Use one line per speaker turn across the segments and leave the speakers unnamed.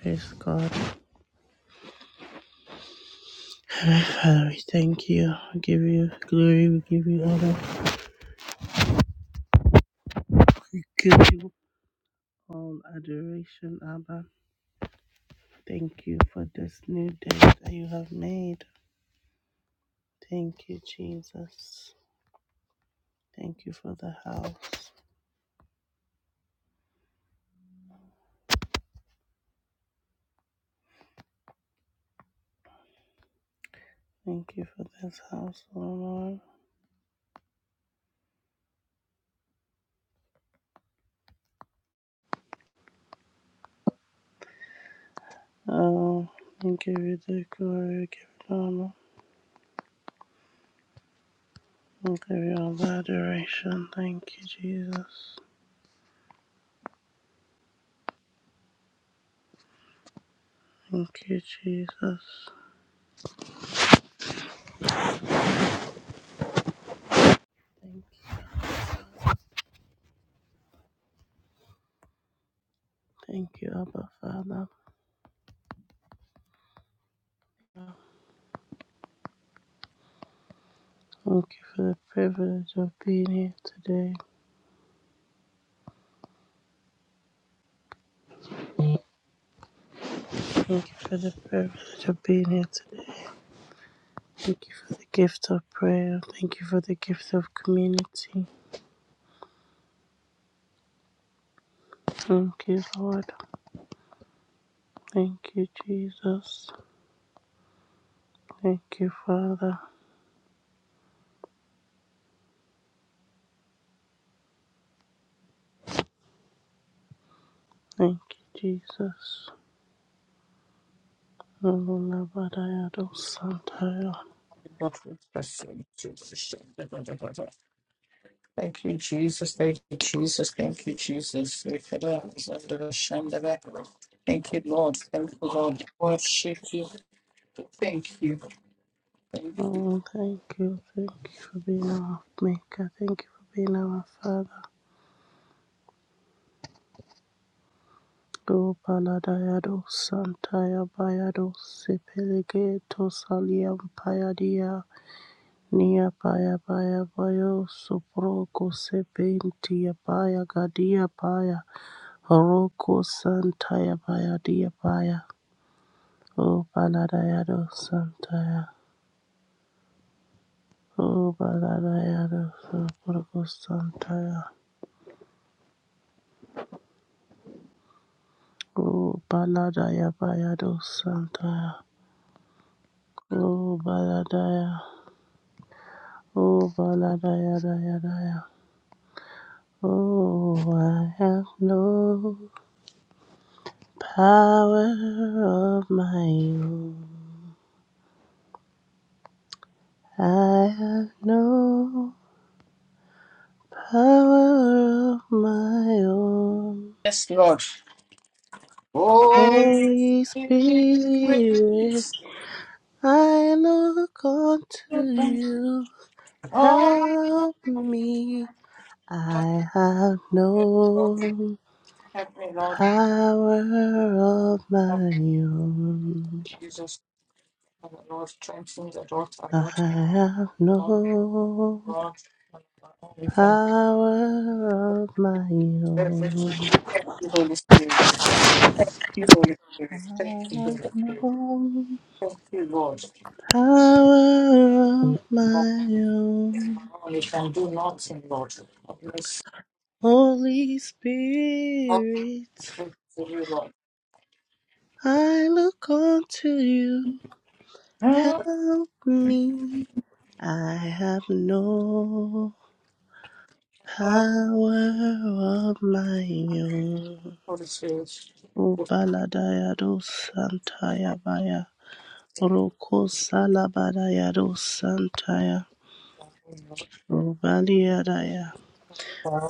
Praise God. Father, we thank you. We give you glory. We give you honor. We give you all adoration, Abba. Thank you for this new day that you have made. Thank you, Jesus. Thank you for the house. Thank you for this house, oh Lord. Oh, we give you the glory. We give you honor. We give you all the adoration. Thank you, Jesus. Thank you, Jesus. Thank you. Thank you, Abba Father. Thank you for the privilege of being here today. Thank you for the privilege of being here today. Thank you for the gift of prayer. Thank you for the gift of community. Thank you, Lord. Thank you, Jesus. Thank you, Father. Thank you, Jesus. Oh,
Thank you, Jesus. Thank you, Jesus. Thank you, Jesus. Thank you, Lord. Thank you, Lord. Worship you. Thank you. Thank you.
thank you. Thank you for being our maker. Thank you for being our Father. Gopaladayado Santaya Bayado Sepelige Tosaliam Payadia Nia Paya Paya Bayo Soproko Sepentia Paya Gadia Paya Horoko Santaya Payadia Paya O Paladayado Santaya O Paladayado Soproko Santaya O Paladaya Bayado Santaya O Paladaya Oh, valadayadayadaya. Oh, I have no power of my own. I have no power of my own.
Yes, Lord. Oh,
Holy
Spirit,
Spirit, I look unto you.
oh,
Help
Lord,
me. I have no
help me, Lord.
power of
Help
my own.
me, Jesus, Lord, strengthen the daughter,
I have
Lord.
no
Lord, we thank you for
power of my
the privilege of
own.
the Holy Spirit. Thank you, Holy
I
Spirit. Thank you, Holy
have
Spirit.
no
Thank you, Lord.
power of
Lord,
my own.
We can do nothing, Lord. Bless
Holy
you, Lord.
Spirit,
Thank you, you, Lord.
I look unto you.
Lord,
Help me. I have no power of my own.
Holy Spirit. Oh,
O
Lord.
Baladayado Santaya Roko salabadaya dosantaya. Robaliadaya.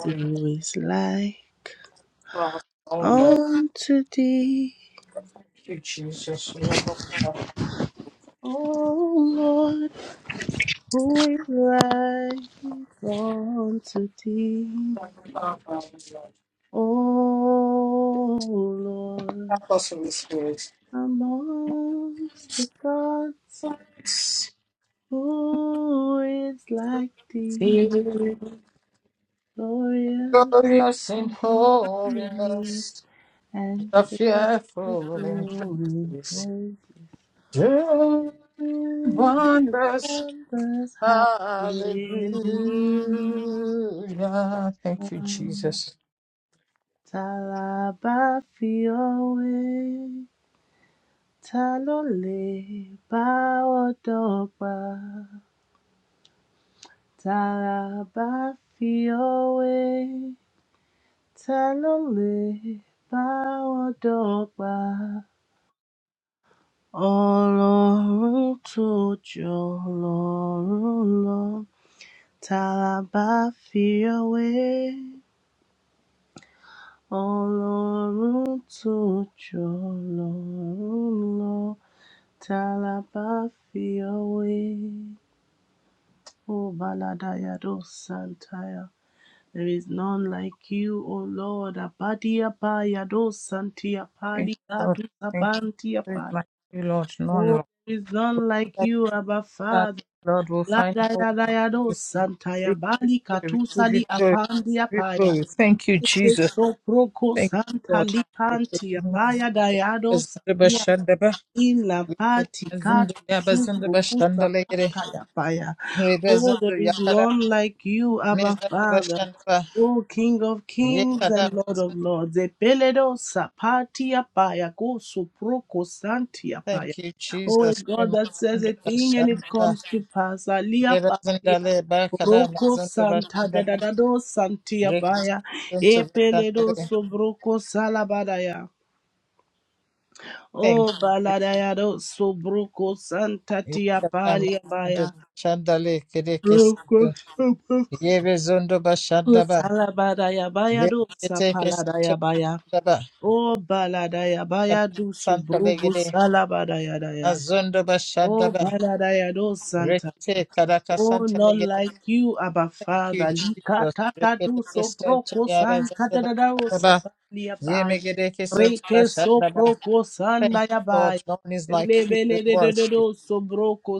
Who is like
For our own, Lord.
unto thee,
Thank you, Jesus. We are blessed.
O Lord?
Thank
Who is like unto thee,
you, Lord.
O Lord?
Help us, Holy Spirit.
Amongst the gods, who is like thee,
Feel
glorious?
Glorious in
glorious,
holiness,
and
the
fill with
fearful in
glory.
praises,
Praise
doing
you,
wonders.
in wonders, hallelujah.
Hallelujah. Thank you, Jesus.
Talaba fiowe, talole ba odopa. Talaba fiowe, talole ba odopa. Ọlọ́run tó jọ lọ́run Tálábà fi fìwé Ọlọ́run tó ju Ọlọ́run lọ. Tálábà fìwé Oh, Baladaya do Santaya. There is none like you, O Lord. Abadia Paya do Santia
Thank
Pali
you, Lord.
Katu
Thank you,
Sabantia
There is
Pali.
like you, Lord. None,
Oh,
Lord.
there is none like
That
you, Abba
that,
Father.
Lord will
La
find
da
no
ya
one. like
do
you.
santa ya
We
bali
give you glory. We give
katusali
you glory. We
apandia
give you
paya.
glory. Thank you,
Ike
Jesus.
soproko
Thank you,
santa
Lord.
lipanti apaya dayado
Bazındı
sabia
başında ba.
Ila pati
Zındı
katu
ya bazındı
subu
başında
kusa
legere.
pata ya paya.
Rebe
Oh, there
zındı
is
yakara.
none like you, Abba
Mezındı
Father.
başında ba.
Oh, King of Kings
Yekada
and Lord of
bazındı.
Lords. Epeledo sapati ya paya kusu proko santi ya paya.
Thank you
Oh, a
Jesus.
God
Rema
that says a
zındı
thing
başında
and it
ba.
comes to pass. Alia
Rebe
palia.
zındı le ba kada
Roko
mazındı
Santa
başında
da da
ba.
da do Santia Paya,
Rekistintu başında
Epeledo
le.
Sobroko Salabadaya.
Thank
Oh,
you.
baladayado sobruko santa tia
Yekada mazındı
palia baya.
başında le. Kede
Roko
kesintu.
sobruko
Yebe zındı başında ba.
salabadaya baya do
Rekete kesintu
sapaladaya baya.
başında ba.
Oh, baladaya
Kada
baya do
santa
sobruko
legere.
salabadaya daya.
Azundo
Oh,
Bashandaba.
Baradayado Santa.
Rete Karaka
Oh,
Santa
not
Legere.
like you, Abba
Thank you,
Father.
Jesus.
Likatata do
Regedeke
so
Santa
proko
Yaba
san
Zandaba
katadadao
Shandaba.
sapalia bai.
Remegedeke Santa
Reke so
Bashandaba.
proko san
Thank you, Lord.
dayabai.
No one is like you. We
Lebele de de de
worship.
do so broko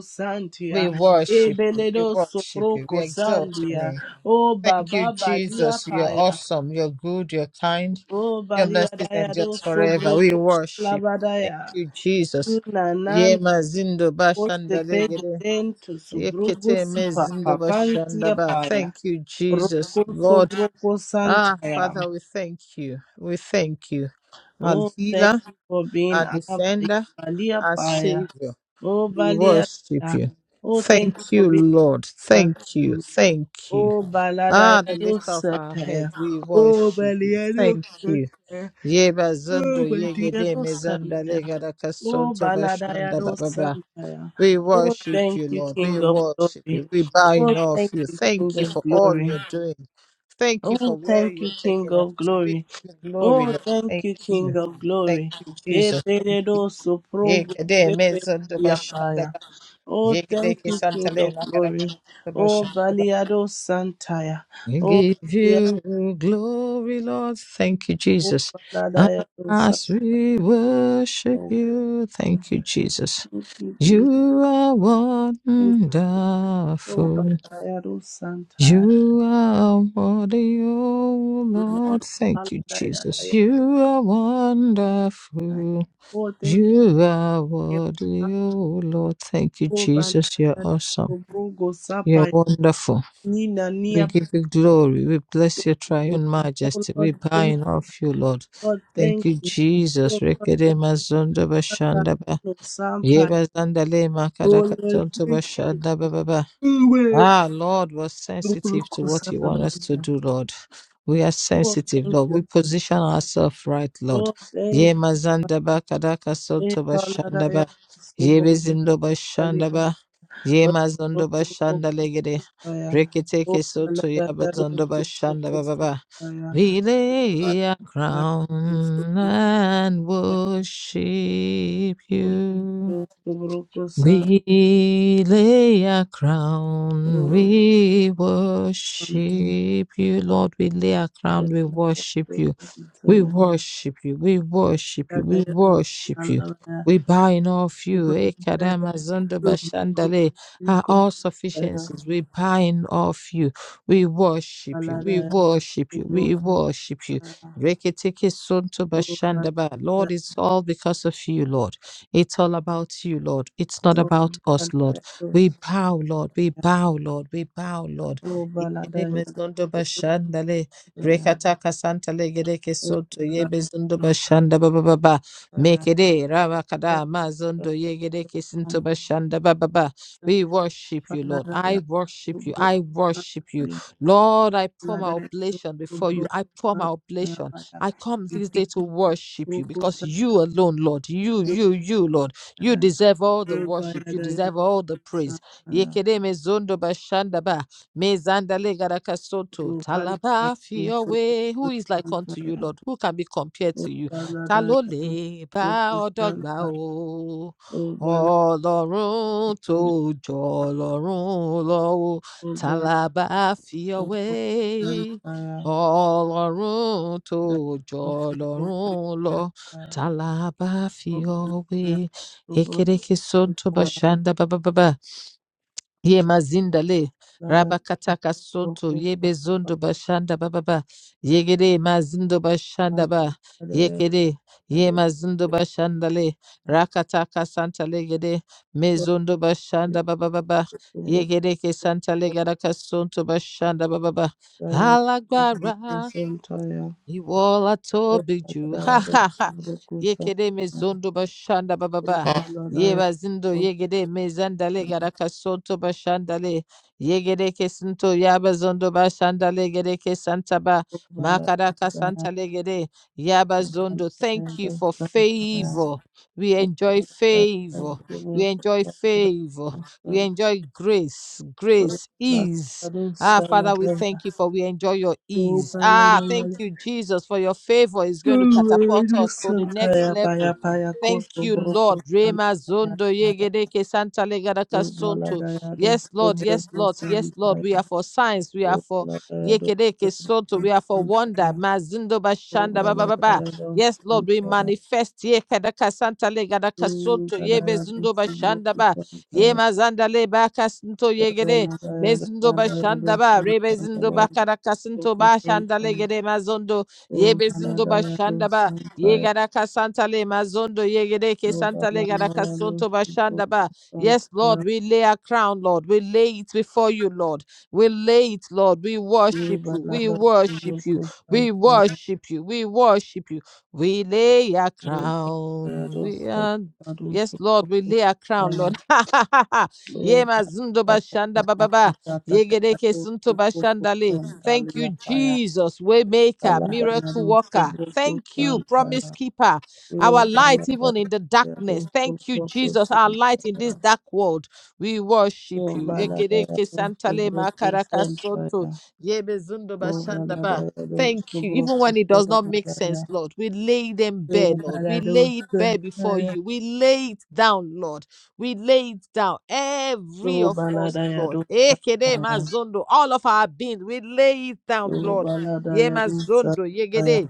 We
santia.
worship you.
Ebele
We
do so
worship you. We
broko
exalt your
sandia.
name.
Oh,
Thank you,
Baba balia
Jesus. You're
paya.
awesome. You're good. You're kind.
Oh,
Your
balia
mercies
daya
endure
do so
forever. We
broko
worship. Thank
salabadaya.
you, Jesus. Yema zindo
Osebede
bashandale
dento subrugo
Yekete
sipa
mezindo
papantia
bashandaba.
paya.
Thank you, Jesus.
Roko
Lord,
sobroko
ah,
santaya.
Father, we thank you. We thank you. Our
Oh, thank
healer,
you for being
our
Abba.
defender,
Ibalia
our
paya.
savior.
Oh,
We
balia.
worship you.
Oh, thank you
Thank
for
you,
being
Lord.
the
Thank you. Thank you.
Oh, balada
Ah, the
yado
lift of our head.
sataya.
We
Oh,
worship you.
balia do
Thank you.
sataya.
Yeba zondo
Oh, my dear,
yegede
no
mezanda
Sunday.
legada
Oh,
kasonto
Baladaya, no
bashanda
Sunday.
we
Oh,
worship
thank
you,
you,
Lord. We
King of
worship
Glory.
you. We bow
Oh,
in awe of
thank
you.
you,
Thank
King
you
of
for all
Glory.
you're doing. Thank you
Oh,
for where
thank you,
you're
King
taking us.
of
We
Glory.
give you glory,
Oh,
Lord.
thank
Thank
you, King
you.
of
Thank
Glory.
you, Jesus. Thank you.
Eberedoso progo
Yekede mezondo bashanda
sepentiapaya.
ba-
Oh,
yekede
thank you, King
kesantale
of
makadaka
Glory. Oh, Baliado Santaya.
we
Oh,
give
Baliado
you glory, Lord. Thank you, Jesus.
Baladayado Santaya.
As we worship you, thank you, Jesus.
Thank you, Jesus.
You are
Oh God,
wonderful.
I had those sometimes.
You are worthy, oh
you know,
Lord.
all
Thank you,
that, yeah, that,
Jesus.
yeah,
You are
that.
wonderful.
Oh, thank you.
You are
yeah,
worthy,
that,
oh Lord. Thank you,
Oh, God,
Jesus. You're
yeah,
awesome.
oh, bro, go
You're
sapa,
wonderful.
Nina,
We
Nia,
give you glory. We bless your
Pano.
triune
oh
majesty.
Lord,
We bow
thank
off
you,
you, Lord.
Lord,
Thank
thank
you,
you, oh
Jesus.
Lord, thank you,
Rekede mazondo
Lord,
bashandaba.
no sampa,
Yeba zandale
oh Lord,
makadakatonto
thank
bashandaba
you, way,
Ah, Lord, we're
bro, bro,
sensitive to
go
what you want
sapa,
us to do, Lord. We are
oh
sensitive,
thank
Lord.
you,
We position ourselves right, Lord.
oh thank
Ye
you,
mazandaba kadaka
thank you,
soto
Lord, yeah,
bashandaba. Ye bezindo bashandaba. Ye mazondo
so, bro,
bashandalegede.
Aya. O
Reketeke soto ya
balada ya do
bazondo
su bu ku
bashandaba
sa
baba.
aya.
We lay our
Aya do su
crown
bu
and
ya
worship you. We lay our crown, we worship you, Lord. We lay our crown, we worship you. We worship you, we worship you,
Balada
we
ya do
worship
sa
you.
la ya. O
We bow in awe of
balada
you, Ekadama Zondo Bashandale, our all sufficiencies. We bow in awe of you. We worship you,
Balada
we
ya
worship
do
you,
bu ku
we worship you. Reketeke Sonto Bashandaba. Lord, it's all because of you, Lord. It's all about you, Lord. It's not about us, Lord. We bow, Lord. We bow, Lord. We bow, Lord.
balada
Yegede
ya do balada ya balada ya do su
mezondo
ku balada ya do sa
bashandale, rekataka santale gedeke soto, yebe zondo bashanda ba ba ba ba. Mekede rabakada mazondo yegedeke sinto bashanda ba ba ba. We worship you, Lord.
Baladaya
I worship you.
Subro
I worship you.
Saya
Lord, I pour my
Baladaya
oblation before
Subro
you. I pour my
Saya
oblation.
Baya
I come this day
Ipiki
to worship you
Proko
because
Saya
you alone, Lord, you, you, you, Lord, you
Daya
deserve all the worship.
Rubaya
You
Daya
deserve all the
Saya
praise. Yekede mezondo bashandaba, mezandale garakasoto,
Rubala
talaba
Daya Subro
fiyowe. Who is like unto you,
Saya
Lord? Who can be compared to you?
Rubala Daya
Talole ba
Proko Saya
odogba o.
Rubala
Ọlọ́run tó jọ Ọlọ́run lọ o, ta
Rubala
la fi
Subro
ọwé?
Saya
ọlọ́run tó
Daya
jọ
Subro Saya
ọlọ́run lọ ta la bá fi
Rubala
ọ wé
Daya Subro
ekereke sonto bashanda bababa ye mazindale
Saya
rabakataka sonto
Baladaya
yebe zondo bashanda bababa yegede mazindo bashanda
Santa
ba yekede ye mazindo bashandale rakataka santa legede mezondo bashanda bababa yegede ke santa legada kasonto bashanda bababa alágbára Iwola tobi ju. Ha ha ha. Yekede mezondo bashanda bababa. Ye bazindo yegede mezandale garaka sonto bashandale. Yegede kesinto yabazondo bashandale gede kesantaba. Makaraka santale gede yabazondo. Thank you for favor. We enjoy favor. We enjoy favor. We enjoy grace, grace, ease. Ah, Father, we thank you for we enjoy your ease. Ah, thank you, Jesus, for your favor is going to catapult us to the next
ya baya
level.
baya
Thank
koso
you,
broko
Lord.
santa
Rema zondo
ya
yegedeke santa legadaka sonto.
Baladayado
Yes, Lord. Yes,
Sobroco
Lord. Yes, Lord. We
Santaya
are for signs. We are for
Baladayado
yekedeke sonto. We are for wonder.
Santaya
Mazindo bashanda ba ba ba ba.
Baladayado
Yes, Lord. We
Santaya
manifest yekedaka santa legadaka sonto. Yeme
Baladayado
zindo bashanda
Sobroco
ba.
Santaya
Yema zanda le baka sinto yegede.
Baladayado
Mezundo bashanda ba rebezundo
Santaya
bakarakasunto
Sobroco
ba shanda
Santaya
legere mazondo
O
yebezundo bashanda ba
Santaya
yegara kasanta le mazondo yegere ke santa le gara
Baladayado Sobroco Santaya Baladayado
kasunto
Sobroco
bashanda ba.
Santaya
Yes, Lord, we lay our crown, Lord. We lay it before you, Lord. We lay it, Lord. We worship you. We worship you. We
Baladayado
worship you. We worship you. We lay our crown. We are. Yes,
Sobroco
Lord, we lay our crown,
Santaya
Lord.
Lo
Ye mazundo
balada
bashanda bababa. Yegereke sunto bashandale. Thank you, Jesus, waymaker, miracle worker. Thank you, promise keeper, our light even in the darkness. Thank you, Jesus, our light in this dark world. We worship you. Ekereke santale makaraka sonto. Ye mezundo bashanda ba. Thank you. Even when it does not make sense, Lord, we lay them bare, Lord. We
ya do
lay it bare before
santaya,
you. We lay it down, Lord. We lay it down, every of us, Lord. Ekede mazondo, all of our being, we lay it down,
lo
Lord.
balada
Ye
ya do
mazondo,
santaya,
yegede.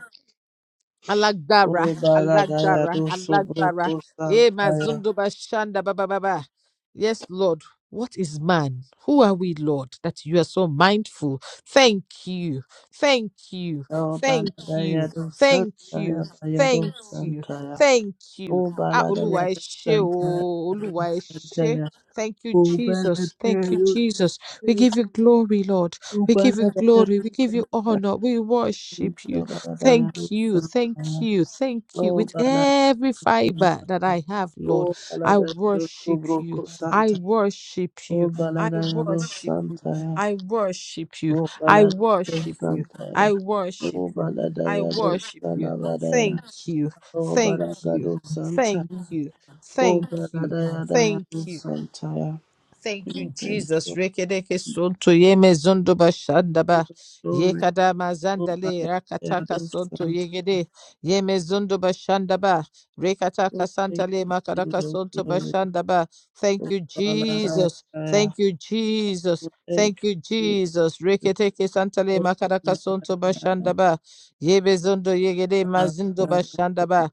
O
Alagbara,
Baladaya do
Alagbara, Alagbara.
Sobroco
Eh,
Santaya,
Mazundo Bashanda Baba Baba. Yes, Lord. What is man? Who are we, Lord, that you are so mindful? Thank you. Thank you.
O
Thank you.
Baladaya do
Thank
Santaya,
you.
Bayado
Thank you.
Santaya,
Thank you.
O
Ah, Oluwa
Baladaya
ẹ
do
ṣé
Santaya,
o, Oluwa ẹ ṣé.
Santaya,
Thank you,
O
Jesus. Thank you,
Baladaya
Jesus. We
do
give you glory, Lord.
O
We give you
Baladaya
glory. We give you honor. We worship
do
you.
Baladaya
Thank
do
you, thank
Santaya,
you, thank you.
O
With
Baladaya
every
do
fiber that
Santaya.
I have,
O
Lord, I
Baladaya do
worship you.
Sobroco
I
Santaya,
worship
O
you. I
Baladaya do
worship you.
Santaya,
I worship you.
O
I
Baladaya do
worship you. I
Santaya,
worship
O
you. I
Baladaya do
worship you.
Salabadaya.
Thank you.
O
Thank you.
Baragado Santa,
Thank you.
O
Thank you. Thank
Baradayadayado
you.
Santa, yeah.
Thank
we
you,
thank
Jesus.
you,
Rekereke sonto yeme zondo bashanda ba.
glory,
Yekada
O
mazanda le rakataka
Baradayado
sonto
Santa,
yegede. Yeme zondo bashanda ba.
O
Rekataka
thank
santa le
you,
makaraka
Lord,
sonto
glory,
bashanda ba. Thank
O
you, Jesus.
Baladayadaya,
Thank you,
O
Jesus.
thank
Thank you,
you,
Jesus.
Jesus,
Reketeke santa le
O
makaraka
Baladayadaya,
sonto bashandaba. Yebe zondo yegede mazindo bashandaba.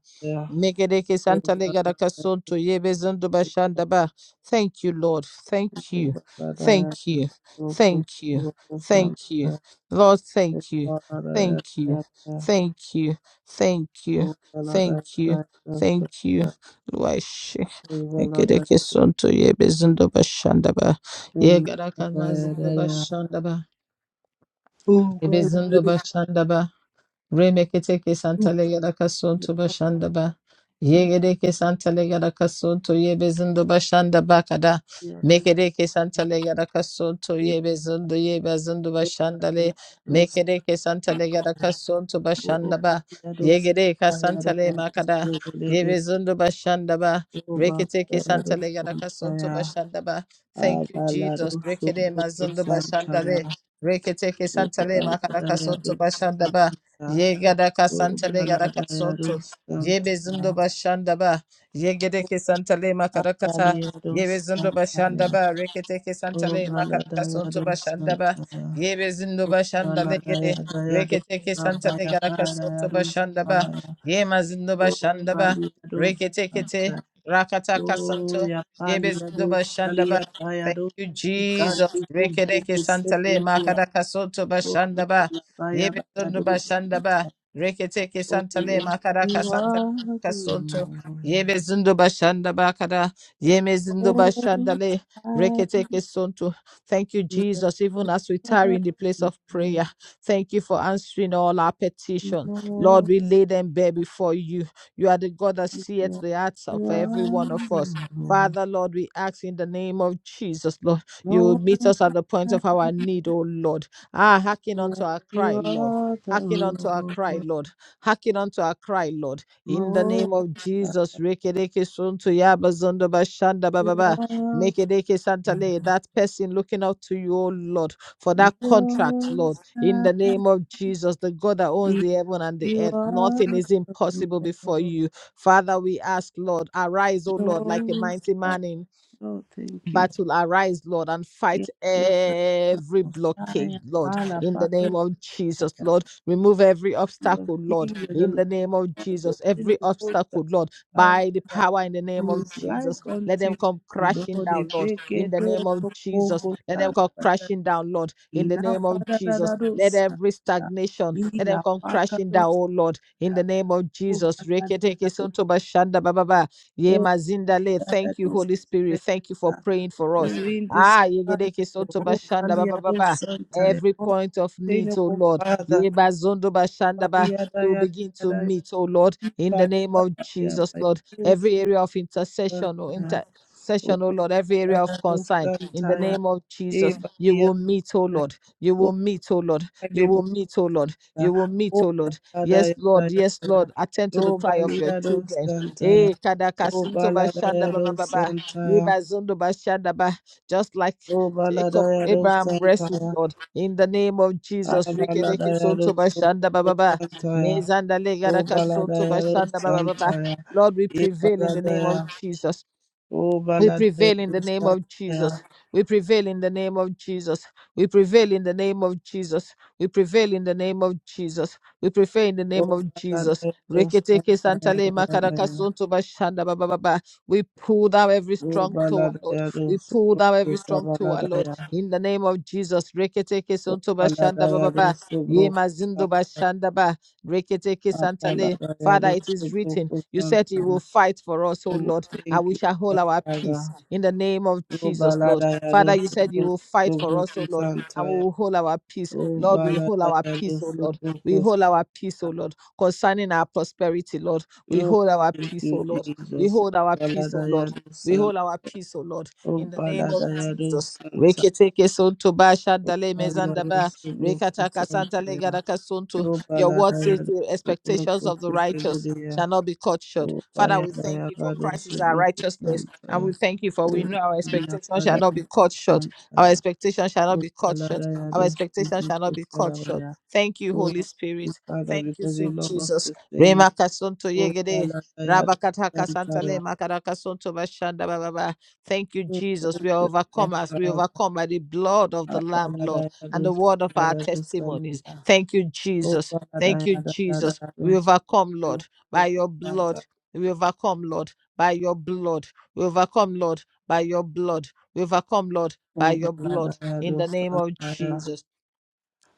Mekereke
O
santa le garaka
Baladayadaya,
sonto yebe zondo bashanda ba. Thank you, Lord. Thank
O
you.
Baladayadaya,
Thank you.
O
Thank you.
Kusuko
Thank you.
Santa,
Lord,
O
thank you. Thank you.
Baladayadaya,
Thank you. Thank you.
O
Thank you.
Baladayadaya,
Thank you.
Santa,
Luashi.
O
Ekereke sonto yebezindo bashandaba. Yegaraka mazindo
Baladayadaya,
bashandaba.
Oh, Balados,
Yebezindo bashandaba. Remeketeke santale yada kasuntu bashanda ba. Yegedeke santale yada kasuntu yebezindo bashanda bakada. Mekedeke santale yada kasuntu yebezindo yebezindo bashandale.
Balados,
Mekedeke santale yada kasuntu
Oh,
bashanda ba.
Balados,
Yegedeke santale
Balados,
makada.
Legate,
Yebezindo bashanda ba.
Oh,
Reketeke
Balados,
santale yada kasuntu
Santaya,
bashanda ba. Thank you, Jesus.
Abalados,
Rekede
Sobroco
mazindo
Santaya,
bashandale. Reketeke
Oh,
santale makada kasuntu
Baladayados,
bashanda ba.
Santaya,
Ye gadaka ka
Oh,
santale gada soto.
Baladayados,
Ye bezundo
Santaya,
bashanda ba. Ye gedeke ke santale makarakata. Ye
Abaliados,
bezundo bashanda
Santaya,
ba. reketeke ke
Oh,
santale makaraka soto
Baladayados,
bashanda ba.
Santaya.
Ye bezundo
Oh,
bashanda
Bala
le
Daya
gede.
Daya Do
Rekete ke santale
Sabaya
gada
Padaya
soto
Do
bashanda ba.
Sabaya.
Ye mazindo
Oh,
bashanda ba.
Bali ya Do
Rekete
Santa.
Rakata
Oh,
kasanto.
Ya
Ye
Pali ya
bezundo
Do
bashanda
Salia
ba.
Paya
Thank
Do.
you, Jesus.
Ikanti Kubu
Rekete ke santale
Kusetia.
makaraka soto
Oh,
bashanda ba.
Ya Paya
Yebe
Baya
Dundu
Do
bashanda
Santa.
ba Reketeke
Oh,
Santale
yes,
Makaraka
you
Santa
are the
Kasonto,
Lord.
Yebe Zundu Bashandaba Kada, Yeme Zundu
Oh, I love
bashanda
you,
le
Lord.
Reketeke Sonto. Thank you, Jesus, even as we tarry in the place of prayer. Thank you for answering all our petition. Lord, we lay them bare before you. You are the God that seeth
Yes,
the hearts of
You
every one of
are
us.
the
Father, Lord, we ask in the name of Jesus, Lord, you will
Lord.
meet us at the
No
point of our need, oh Lord. Ah, hearken
Yes,
unto our
you
cry, Lord.
are the
Hearken unto our cry,
Lord,
Lord. Hearken unto our cry, Lord. In the
most
name of Jesus, Rekedeke Sunto Yabazondo Bashanda Baba. Mekedeke Santale, that person looking up to you, oh Lord, for that contract, Lord. In
high
the name of Jesus, the God that owns the heaven and the
you are the most high. You
earth, nothing
are
is
the
impossible before you. Father, we ask, Lord, arise, O Lord,
Lord,
like a
most
mighty
high.
man in
Oh, thank you.
battle arise lord and fight
Yes, you are the
every
most
blockade
high.
lord
Allah,
in the
Father
name of jesus lord remove every
the
obstacle lord
King, you are the
in
Lord
the name of
of
jesus every
The
obstacle lord
and
by the
that
power in the name of
who is
jesus
like
let
unto
them
you.
come crashing
Lord, if
down lord
they
in
get
the
all
name of
for
jesus
all,
let them come crashing down lord in the name
Enough,
of
Father,
jesus let every stagnation let them come crashing
that
down oh lord in the name of jesus Rekete kesonto bashanda bababa. Ye mazindale. Thank you, Holy Spirit. Thank you for praying for us. Ah,
Indescribable,
yegedeke soto
oh
bashanda ba ba ba
Valiado
ba.
Santa,
Every point of need, oh
unobtainable
Lord.
Father,
Ye bazondo
oh
bashanda ba.
Valiada
You
Yada
begin to
Yada
meet, oh Lord, in the name of Jesus, Lord.
Yada
Every area of intercession, oh
Santa, oh
intercession, oh Lord. Every area of
Valiado
concern, in the
Santa,
name of
eh
Jesus, you will
Valiada,
meet, oh Lord. You will
oh
meet, oh Lord. You will
Valibola,
meet, oh Lord. You will meet,
oh
oh Lord.
Valada
Yes, Lord.
Yada
Yes, Lord.
Yada,
Attend to the
oh
cry of your
Valiado
children. Eh,
Santa, oh
kadakasunto
Valada
bashanda ba ba
Yada
ba ba.
Santa,
Ribazundo bashanda ba. Just like
O
Jacob
Baladayado
Abraham wrestled
Santaya,
God in the name of Jesus. Rikedeke
Abaladayado
sonto
Sobo
bashanda ba ba ba.
Santaya,
Mezanda legada
O
kasunto
Baladayado
bashanda ba ba ba ba.
Santaya,
Lord, we
E
prevail in the name of
Baladaya,
Jesus.
O
We prevail in
Baladayado
the name of
Santaya,
Jesus. We prevail in the name of Jesus. We prevail in the name of Jesus. We prevail in the name of Jesus. We prevail in the
O
name of Jesus.
Baladayado
Reketeke
Santaya,
santale
Baladaya,
makarakasunto bashanda ba ba ba ba. We pull down every
O
strong tower, Lord.
Baladayado
We pull
Sobo
down every strong tower, Lord.
Sabaladaya,
In the name of Jesus. Reketeke
O
sunto bashanda ba ba
Baladayado
ba. Ye
Sobo
mazindo
Santaya,
bashanda ba. Reketeke santale. Father,
Abaladayado
it is
Sobo
written. You said you will
Santaya.
fight for us, O
Oh,
Lord and
thank
we
you,
shall hold
Abba
our
Father.
peace in the name of
O
Jesus, Lord.
balada yado
Father, you said
subro
you will fight
subro
for us, oh Lord. And we
kusantaya.
will hold our peace.
O
Lord, we hold
balada
our
yado
peace, oh Lord.
subro
We
kus.
hold our peace, oh Lord. Concerning our prosperity, Lord. We
Oh,
hold our
thank
peace, oh
you,
Lord. We
Jesus. O
hold our peace,
balada
oh Lord.
yado
We
san.
hold our peace, oh Lord.
O
In the name
balada
of
yado
Jesus.
santa.
Reketeke sonto ba shandale mezanda
Yado
ba.
subro
Rekataka santa
kusantaya.
legada kasonto.
O
Your
balada
word says
yado
the
subro
expectations of the righteous
kusipeleya.
shall not be cut short.
O
Father,
baya
we thank
baya
you for
bado
Christ is our
subro
righteousness. And
kusantaya.
we thank you for we
O
know our
baya
expectation shall
bada
not be cut short. Our
santaya.
expectation shall
O
not be cut
balada
short. Our
yado
expectation
subro
shall not be cut short.
kusaraya.
Thank you,
Oh,
Holy Spirit.
Father,
Thank you,
because you
sweet
love us
Jesus.
the same.
Rema kasonto
Oh,
yegede.
Baladayado
Rabakata kasantale
Santaya.
makara kasonto bashanda bababa. Thank you,
Oh,
Jesus.
thank
We
you,
are
my
overcomers. We
Father.
overcome by the blood of
Ah,
the Lamb, Lord, and
Baladayado
the word of our
Santayado
testimonies.
Santaya.
Thank you,
Oh,
Jesus. Thank you,
Baladayado
Jesus.
Santayado
We overcome, Lord, by your blood.
Santaya.
We overcome, Lord, by your blood. We overcome, Lord, by your blood. We overcome, Lord, by
Oh,
your blood. In
Baladayado
the name of
Santaya.
Jesus.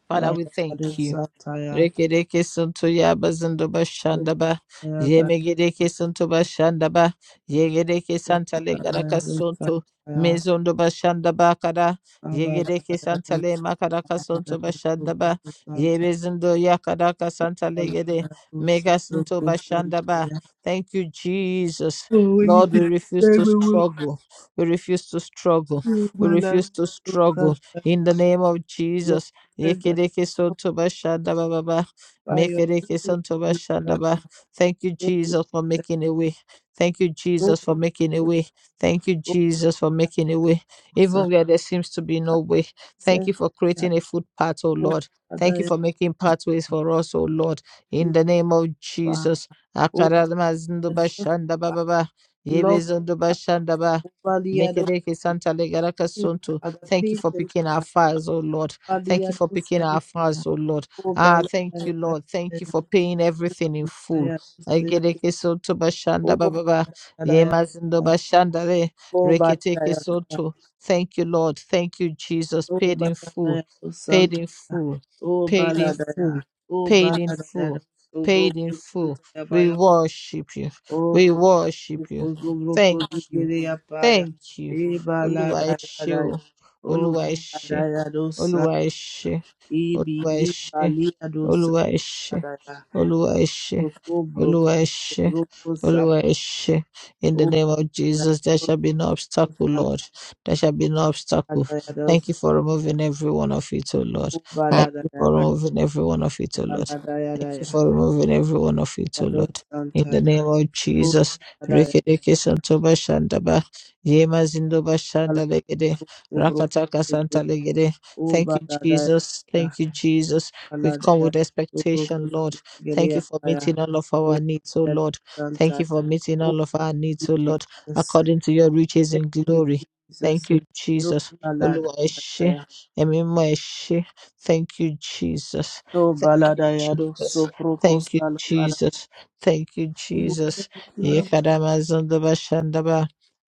Father, we
Ayagado
thank you.
Santaya.
Rekereke suntu yabazundu
Oh,
bashandaba.
Ayagado Baladayado
Yemegereke suntu bashandaba. Yegereke santale garaka
Santaya.
suntu. Mezundu bashandaba kara.
Abaladayado
Yegereke
Santaya.
santale makaraka suntu bashandaba.
Abaladayado Santaya.
Yebezundu yakaraka
we
santale gere.
will
Mega
feel
suntu bashandaba. Thank you, Jesus. Lord, we refuse to struggle. We refuse to struggle. We
when I
refuse to
look at the
struggle. In the name of
Lord
Jesus.
that
Yekereke sontoba shanda ba ba ba.
fire you
Mekereke sontoba shanda
that
ba. Thank you,
glory
Jesus, for
that
making a way. Thank you,
glory
Jesus, for making a
that
way. Thank you,
glory
Jesus, for making a way. Even
sacrifice
where there seems to be no way. Thank you for
fire
creating a footpath, oh
over
Lord. Thank you
that
for making pathways for us, oh Lord. In
you
the name of
fire
Jesus.
over
Akarama zindoba
just
shanda ba
fire
ba ba. Yebe
love
zondoba
fire
shanda ba.
over the other
Mekereke santa legaraka
you
sonto.
other
Thank you for
patient
picking our
fire
files, oh Lord.
over the
Thank you for
other
picking
son
our fast, oh Lord.
over
Ah,
the
thank you,
other
Lord. Thank you for paying
over
everything in full.
the other
Agereke soto bashanda bababa.
Daya,
Yemazindo bashanda re.
O
Reketeke
Baladaya,
soto. Thank you, Lord. Thank you, Jesus.
O
Paid in full.
Baladaya, O
Paid
Santa,
in full.
O
Paid in full.
Baladaya, O
Paid in full.
Baladaya, O
Paid in
Broko
full.
Santa
We
Baya,
worship you.
O
We worship
Kuku
you.
Zubroko
Thank you.
Zikiria Paya,
Thank you.
E
Oluwa
Baladaya,
eshe
Daya,
o.
O
Oluwa eshe.
Baladaya Dosa,
Oluwa eshe.
E
What
Bili
Oduashi
Balia Dosa,
Olúwa ẹ ṣé,
Daya,
Olúwa ẹ ṣé,
O Broko,
Olúwa ẹ
O
ṣé,
Broko Sap,
Olúwa ẹ ṣé. In
O
the name of Jesus, there shall be
Broko
no obstacle,
Santa
Lord. There shall be no obstacle.
Daya,
Thank you
Dosa
for removing every one of it, O Lord.
O
Thank you for
Baladaya,
removing every one of it, O Lord.
Baladaya,
Thank you
Daya.
for removing every one of it, O
Yellow
Lord. In
Santa,
the name of
O
Jesus,
Badaya,
Rekedeke Santoba Shandaba, Yema Zindoba Shanda
Alabo,
Legede,
Obro,
Rakataka Santa Legede.
O
Thank you,
Badaya,
Jesus. Thank you, Jesus we come
Aladaya,
with
Obro,
expectation, Lord. Thank
Geria,
you for meeting
O
all of our needs, oh
Yellow
Lord. Thank
Santa,
you for meeting
O
all of our needs, oh Lord,
Jesus,
according to your riches
thank
in
you,
glory. Thank
Jesus,
you,
O
Jesus. Oluwa ẹ ṣé,
Baladaya,
ẹ̀mí mímọ́ ẹ ṣé. Thank you, Jesus.
O
Thank you,
Baladaya, O
Jesus.
Sopro
Thank you,
Costa,
Jesus. Thank you,
O
Jesus.
thank
Ye
you,
kadama zondo bashandaba.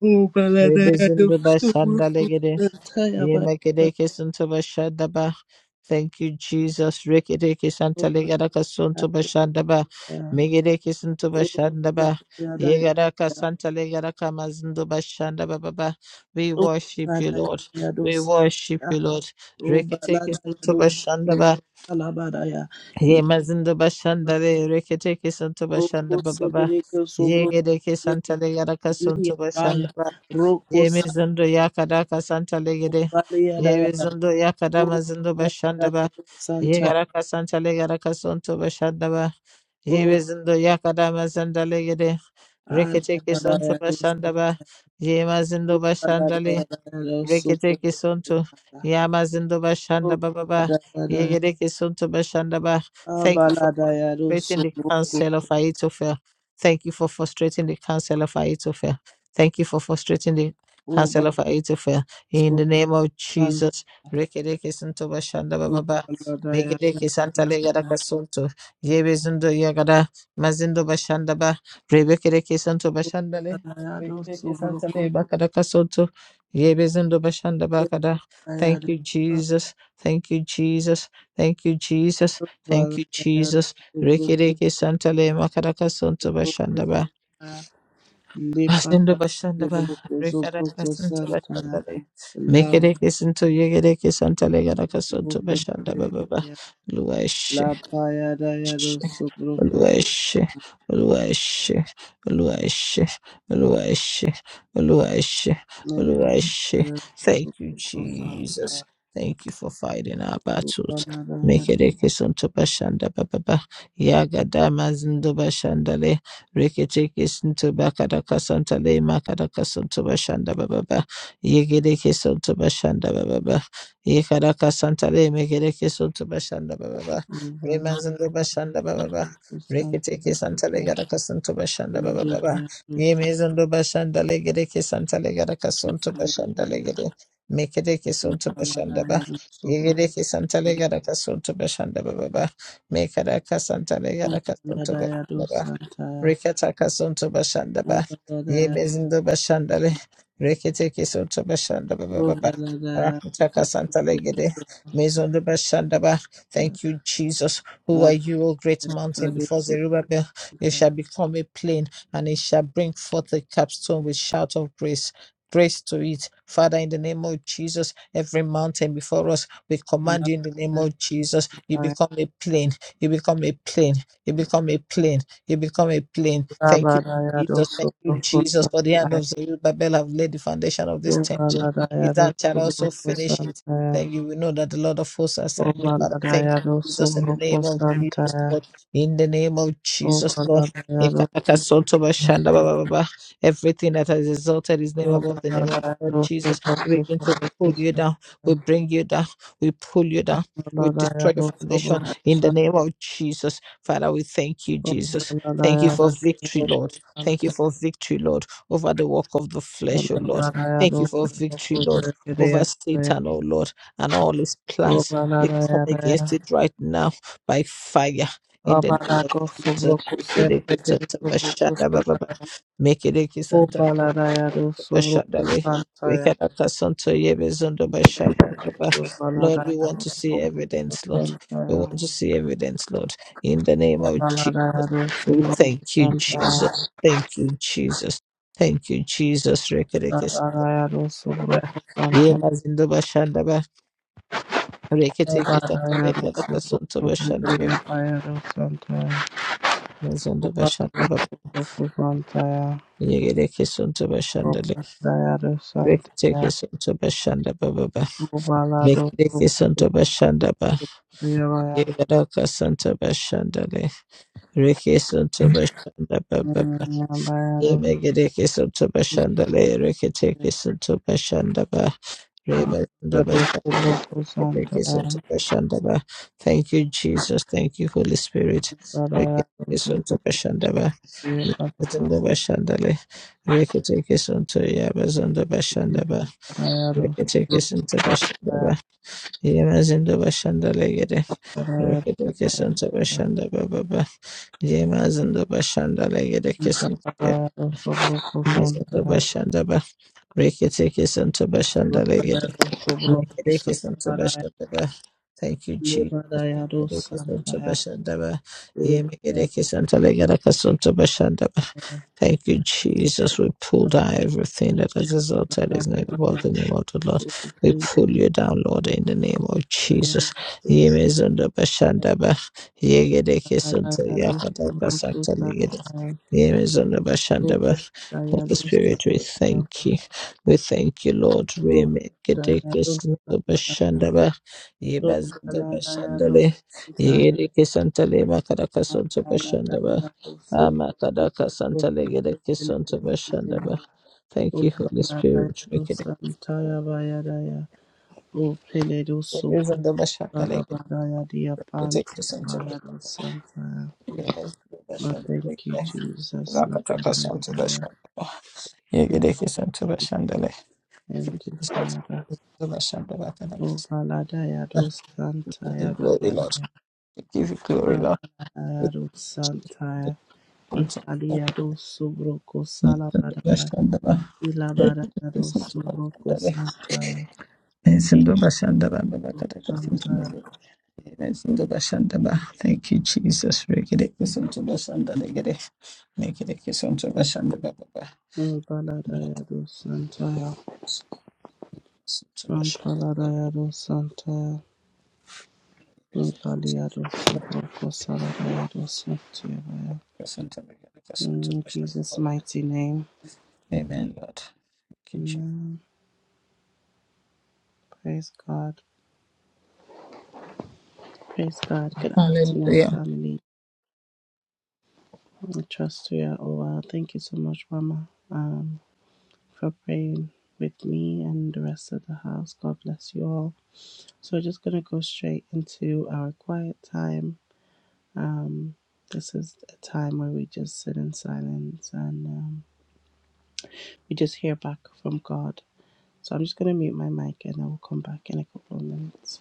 O
Rebe
Baladaya, O
zondo
Sopro
bashandalegede.
Costa,
Ye mekedeke zondo bashandaba. Thank you, Jesus. Rikidiki
O
Santaligada Sunto
Baladaya,
Bashandaba. Migidiki Sunto
Oh,
Bashandaba. Yegadaka Santaligada Kamazundo Bashandaba Baba. We worship you, Lord. We worship you, Lord. Rikidiki Sunto
Abaladayado
Bashandaba. Yemazindo Bashandale. Rikidiki Sunto Bashandaba Baba. Yegediki Santaligada Sunto Bashandaba. Yemizundo yakada kasanta legede. Yemizundo yakada mazundo bashanda ba. Yegara kasanta legara kasonto bashanda ba. Yemizundo yakada mazanda legede. Rekete kesonto bashanda ba. Yemazundo bashanda Reketeke sonto yamazindo bashanda bababa yegereke sonto bashanda ba. Thank you for frustrating the counsel of
Soboko,
Ahithophel. Thank you for frustrating the counsel of Ahithophel. Thank you for frustrating the counsel of Ahithophel. In the name of
Sukanda
Jesus, rekereke sonto bashanda bababa.
Dayado
Megereke santa
Santana
legada
Sukala
kasonto yebezindo yagada mazindo bashanda ba. Rebekereke sonto bashanda le.
Dayado
Regereke santa
Subruko
le bakada Yebezindo bashanda bakada.
Dayado
Thank you,
Santo
Jesus. Thank you, Jesus. Thank you, Jesus. Thank you,
Dayado
Jesus.
Subruko
Rekereke santa le makaraka santo
Subruko
bashanda ba.
Santana Lepa
Asindo bashanda ba.
Subruko
Rekaraka
Subruko
santo
Santana
bashanda le.
La
Mekereke santo yegereke santa le garaka santo
Subruko
bashanda ba ba ba.
Santana
Luwa
La
eshe.
Paya Dayado Subruko
Lueshe, lueshe, lueshe, lueshe, lueshe,
Dayado
lueshe. Thank you,
Subruko
Jesus.
Santana
Thank you for fighting our battles.
Sukanda
Make
Dayado
it a kiss on to Bashanda Baba. Yagadama Zindo Bashandale. Rikete kiss into Bakadaka Santale. Makadaka Santo Bashanda Baba. Yigede kiss on to Bashanda Baba. Yikadaka Santale. Make it a kiss on to Bashanda Baba. Remazindo Bashanda Baba.
Subruko
Reketeke Santa
Santana
Legada Casanto
Thank
Bashanda Baba Baba. Ye
you.
Mezondo Bashanda Legedeke Santa Legada Casanto Bashanda Legede. Mekedeke Santo Bashanda Ba. Egedeke Santa Legada Casanto Bashanda Baba Baba. Mekadaka Santa Legada Casanto Bashanda Rekata kasonto bashanda ba. Ye mezindo bashanda le. Rekete kesonto bashanda ba ba ba ba. Rakata kasanta legede. Mezondo bashanda ba. Thank you, Jesus. Who are you, O great mountain? Before Zerubbabel, you shall become a plain, and it shall bring forth a capstone with shout of praise. Grace to it. Father, in the name of Jesus, every mountain before us, we command you in the name of Jesus. You become a plain. You become a plain. You become a plain you become a plane. Thank you, Jesus. Thank you, Jesus, for the hand of Zerubbabel have laid the foundation of this temple. His hand shall also finish it. Thank you. We know that the Lord of hosts has sent me, Father. Thank you. Jesus, in the name of Jesus, Lord, in the name of Jesus, Lord, Ekatakasotoba everything that has exalted his name above
Santa,
the name
Santa,
of the Lord Jesus,
Santa,
we begin to pull you down, we bring you down, we pull you down, we destroy your foundation in the name of Jesus. Father, we thank you,
Obalada,
Jesus. Thank you for victory, Lord. Thank you for victory, Lord, over the work of the flesh, O Lord. Thank you for victory, Lord, over Satan, O Lord, and all his plans. We come against it right now by fire. In the name of Jesus, make it a kiss and
Sobro
Bashandale. We can to Yebezundo Bashanda Baba. Lord, we want to see evidence, Lord. We want to see evidence, Lord. In the name of Jesus. We thank you, Jesus. Thank you, Jesus. Thank you, Jesus. Rekerekes Baba.
Santa,
Yemazindo Bashanda Baba.
Thank
Reketekatale
you.
Lakasonto Bashanda Baba. Mazondo Bashanda Baba. Yegerekesonto Bashandale. Reketekesonto Bashanda Baba. Rekerekesonto Bashanda Yeraka Santa Bashandale, Riki Santa Bashanda Baba, Yemegereke Santa Bashandale, Rikiteke Santa Bashandaba, Reba Santa Bashandale, Rikiteke Santa Bashandaba. Thank you, Jesus. Thank you, Holy Spirit. Rikiteke Santa Bashandaba, Yabazanda Bashandale, Rikiteke Santa Yabazanda Bashandaba, Rikiteke Santa Bashandaba, Yamazanda Bashandale, Rekete santa bashanda baba ba yema zanda bashanda legede kesin ya zanda bashanda ba rekete santa bashanda Make it a kiss on Tabashandaba. Thank you, Jesus.
Lebada
Make it
Yado
a kiss on
Santa
Tabashandaba. Yeah,
Oh,
make it
prayer, O,
a kiss on
prayer,
Talegarakas on Tabashandaba.
prayer,
Thank you, Jesus. We pull down everything
oh,
that has resulted is
prayer,
not above
prayer,
the name of the Lord.
oh, thank you,
We
prayer.
pull you down, Lord, in the name of Jesus. Yeah, me on the Bashandaba. Yeah, get a
I
kiss
am
on
so
Yakataka
broken,
Santa
I am
Legate.
so
Yeah, me on the Bashandaba.
I am
Holy
so I am so
Spirit, we thank you. We thank you, Lord.
I am so I am
Remekedekesantobashandaba,
so glad I am so
Yebazindabashandale, Yedekesantale,
I am glad I am
Makadakasantobashandaba,
so Oh,
Amakadakasantale, Yedekesantobashandaba. Thank you,
glad
Holy
I am
Spirit.
so
Rekedek-
I am tired I am. Oh,
Yebazindabashandale,
Alabadaya dia panta
Yedekesantobashandaba,
parado santa. Oh,
Yebazindabashandale, Yedekesantobashandaba,
thank you,
Yedekesantobashandale,
Jesus.
Yedekesantobashandaba,
Labadaya.
Kadakasantobashandaba.
Thank you, Father. Oh, Baladaya do
Give you
santaya
glory, Lord.
bayadaya.
We give you glory, Lord. We
Abadaya do
thank you,
santaya.
for
Ihalia do subroko
the goodness
salabadaya.
of the Lord. Nisindubashandaba.
Ilabadaya do
Nisindubashandaba.
subroko santaya. Ito
Nisindubashandaba.
santaya.
Nisindubashandaba. Thank you, for the goodness of the Lord. And the Lord, and the Lord, we thank you for the goodness. Thank you, Jesus. Rekede kisindubashandaba. Rekede. Nekede kisindubashandaba. Baba.
Oh, Baladaya do santaya.
Nisindubashandaba.
Oh,
Nisindubashandaba. Nisindubashandaba.
Baladaya do santaya. In Jesus' mighty name.
Amen, Lord. Thank you, Jesus.
Amen. Praise God. Praise God. Good
Hallelujah.
afternoon, family. I trust you are all well. Thank you so much, Mama, um, for praying with me and the rest of the house. God bless you all. So, we're just going to go straight into our quiet time. Um, this is a time where we just sit in silence and um, we just hear back from God So I'm just going to mute my mic and I will come back in a couple of minutes.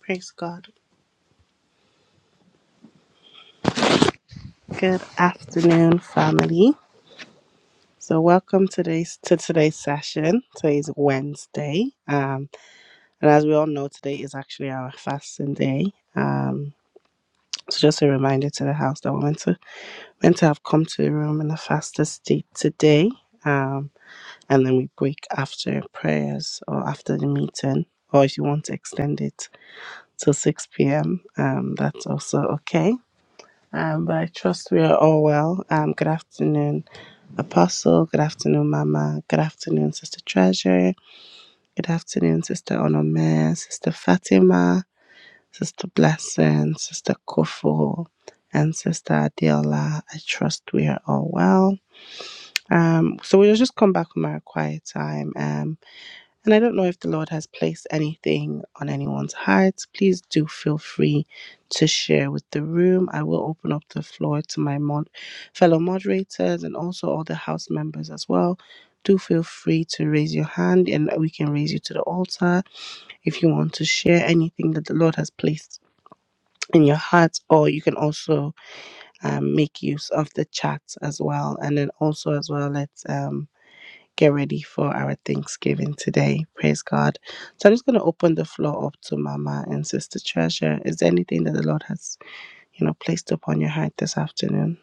Praise God. Good afternoon, family. So welcome today's to today's session. Today is Wednesday. Um, and as we all know, today is actually our fasting day. Um, so just a reminder to the house that we're meant to meant to have come to the room in a fasted state today. Um, and then we break after prayers or after the meeting. Or if you want to extend it till 6 p.m., um, that's also okay Um, but I trust we are all well. Um, good afternoon, Apostle. Good afternoon, Mama. Good afternoon, Sister Treasure. Good afternoon, Sister Onome, Sister Fatima, Sister Blessing, Sister Kofu, and Sister Adiola. I trust we are all well. Um, so we'll just come back from our quiet time. Um, and I don't know if the Lord has placed anything on anyone's hearts. Please do feel free to share with the room. I will open up the floor to my mod- fellow moderators and also all the house members as well. Do feel free to raise your hand and we can raise you to the altar if you want to share anything that the Lord has placed in your heart, or you can also um, make use of the chat as well. And then also, as well, let's. Um, get ready for our Thanksgiving today. Praise God. So I'm just going to open the floor up to Mama and Sister Treasure. Is there anything that the Lord has, you know, placed upon your heart this afternoon?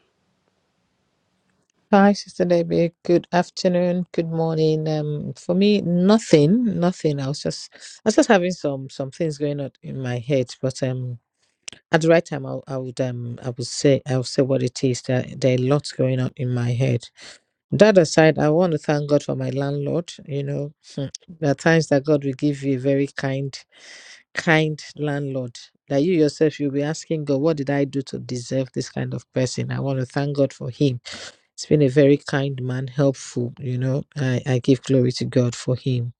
Hi, Sister Debbie. Good afternoon. Good morning. Um, for me, nothing, nothing. I was just, I was just having some some things going on in my head, but um, at the right time, I, I would um, I would say, I would say what it is. There, there are lots going on in my head. That aside, I want to thank God for my landlord. You know, Hmm. there are times that God will give you a very kind, kind landlord. That you yourself, you'll be asking God, what did I do to deserve this kind of person? I want to thank God for him He's been a very kind man, helpful, you know. I, I give glory to God for him.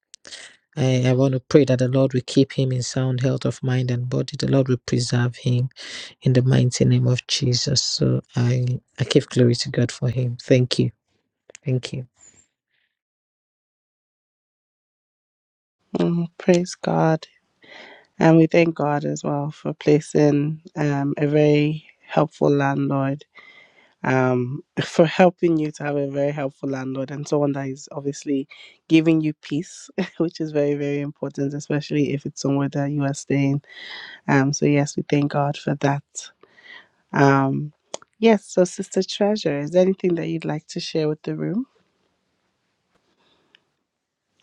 I, I want to pray that the Lord will keep him in sound health of mind and body. The Lord will preserve him in the mighty name of Jesus. So I, I give glory to God for him. Thank you. Thank you.
Mm, praise God. And we thank God as well for placing um, a very helpful landlord, um, for helping you to have a very helpful landlord and someone that is obviously giving you peace, which is very, very important, especially if it's somewhere that you are staying um, so yes, we thank God for that. Um, yes, so Sister Treasure, is there anything that you'd like to share with the room?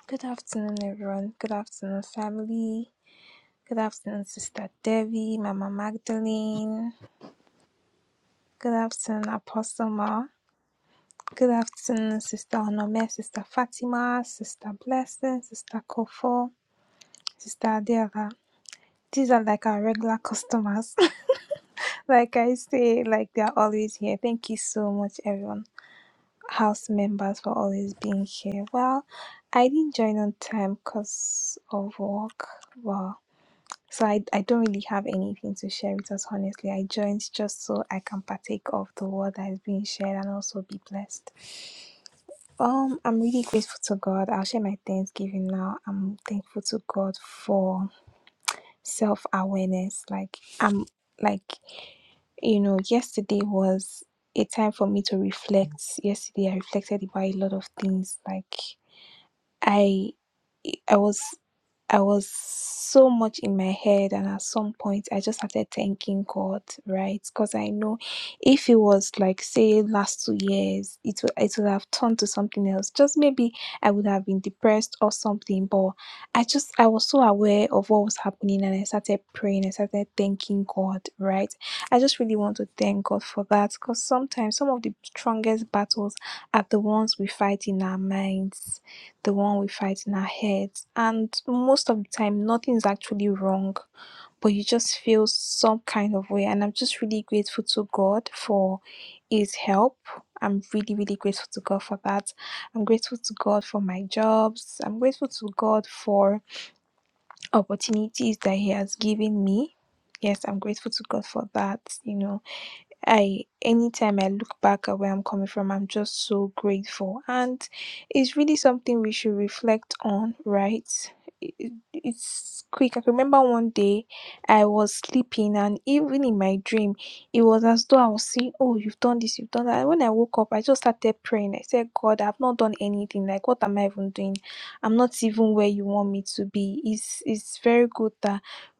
Good afternoon, everyone. Good afternoon, family. Good afternoon, Sister Devi, Mama Magdalene. Good afternoon, Apostle Ma. Good afternoon, Sister Onome, Sister Fatima, Sister Blessing, Sister Kofo, Sister Adela. These are like our regular customers. like I say, like they're always here. Thank you so much, everyone. House members for always being here. Well, I didn't join on time because of work. Wow So I, I don't really have anything to share with us, honestly. I joined just so I can partake of the word that is being shared and also be blessed. Um, I'm really grateful to God. I'll share my thanksgiving now. I'm thankful to God for self awareness. Like I'm like, you know, yesterday was a time for me to reflect. Yesterday I reflected about a lot of things. Like I. I was I was so much in my head, and at some point, I just started thanking God, right? Because I know if it was like, say, last two years, it would, it would have turned to something else. Just maybe I would have been depressed or something, but I just, I was so aware of what was happening, and I started praying, I started thanking God, right? I just really want to thank God for that because sometimes some of the strongest battles are the ones we fight in our minds the one we fight in our heads. And most of the time, nothing is actually wrong, but you just feel some kind of way. And I'm just really grateful to God for His help. I'm really, really grateful to God for that. I'm grateful to God for my jobs. I'm grateful to God for opportunities that He has given me. Yes, I'm grateful to God for that, you know I anytime I look back at where I'm coming from, I'm just so grateful. And it's really something we should reflect on, right? It- it- It's quick. I can remember one day I was sleeping, and even in my dream, it was as though I was saying, Oh, you've done this, you've done that. And when I woke up, I just started praying. I said, God, I've not done anything. Like, what am I even doing? I'm not even where you want me to be. It's, it's very good that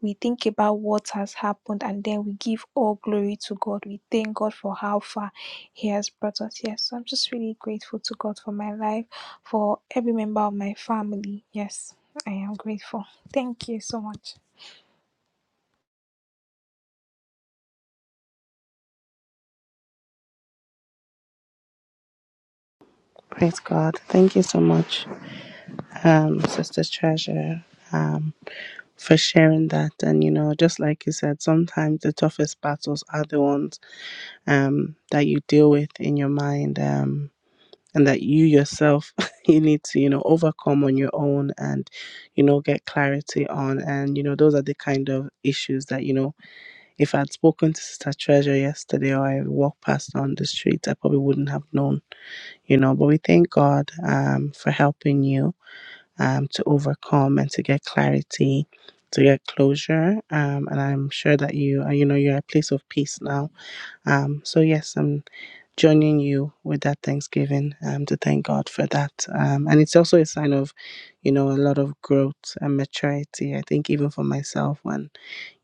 we think about what has happened and then we give all glory to God. We thank God for how far He has brought us. Yes, so I'm just really grateful to God for my life, for every member of my family. Yes, I am grateful. Thank you so much.
Praise God. Thank you so much, um, Sister Treasure, um, for sharing that. And, you know, just like you said, sometimes the toughest battles are the ones um, that you deal with in your mind um, and that you yourself, you need to, you know, overcome on your own and, you know, get clarity on. And, you know, those are the kind of issues that, you know, If I had spoken to Sister Treasure yesterday or I walked past her on the street, I probably wouldn't have known, you know. But we thank God um, for helping you um, to overcome and to get clarity, to get closure. Um, and I'm sure that you, uh, you know, you're at a place of peace now. Um, so, yes, I'm joining you with that thanksgiving um, to thank God for that. Um, and it's also a sign of, you know, a lot of growth and maturity. I think even for myself, when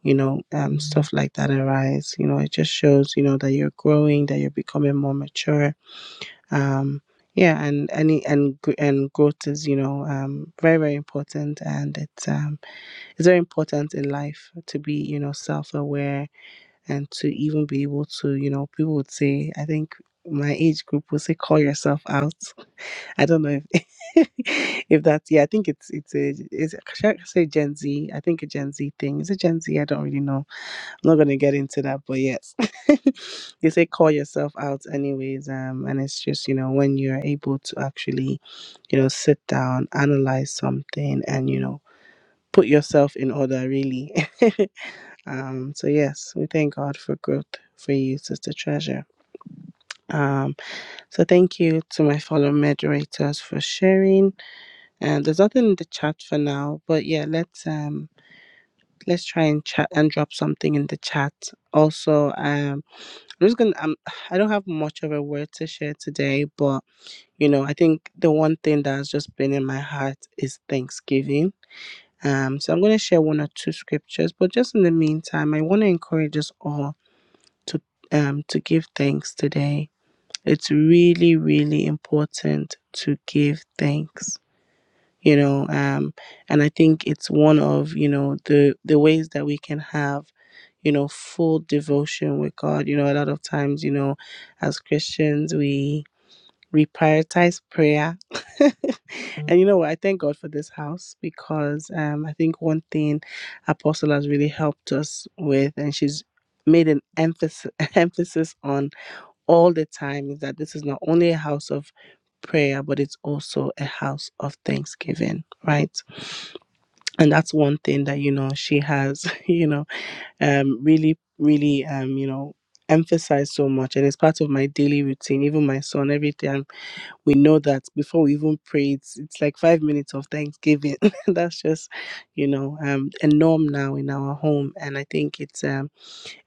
you know, um, stuff like that arise. You know, it just shows, you know, that you're growing, that you're becoming more mature. Um, yeah, and any and gr- and growth is, you know, um, very very important, and it's um, it's very important in life to be, you know, self aware and to even be able to, you know, people would say, I think my age group will say, call yourself out. I don't know if if that's yeah, I think it's it's a it's should I say Gen Z? I think a Gen Z thing. Is it Gen Z? I don't really know not gonna get into that, but yes, they say call yourself out anyways. Um, and it's just you know when you're able to actually, you know, sit down, analyze something, and you know put yourself in order really. um, so yes, we thank God for growth for you, Sister Treasure. Um, so thank you to my fellow moderators for sharing. And there's nothing in the chat for now, but yeah, let's um let's try and chat and drop something in the chat. Also, um I'm just gonna. Um, I don't have much of a word to share today, but you know, I think the one thing that's just been in my heart is Thanksgiving. Um, so I'm gonna share one or two scriptures, but just in the meantime, I want to encourage us all to um to give thanks today. It's really, really important to give thanks you know um and i think it's one of you know the the ways that we can have you know full devotion with god you know a lot of times you know as christians we we prioritize prayer and you know what i thank god for this house because um i think one thing apostle has really helped us with and she's made an emphasis emphasis on all the time is that this is not only a house of prayer, but it's also a house of thanksgiving, right? And that's one thing that, you know, she has, you know, um, really, really, um, you know, emphasized so much and it's part of my daily routine even my son every time we know that before we even pray it's, it's like five minutes of thanksgiving that's just you know um a norm now in our home and i think it's um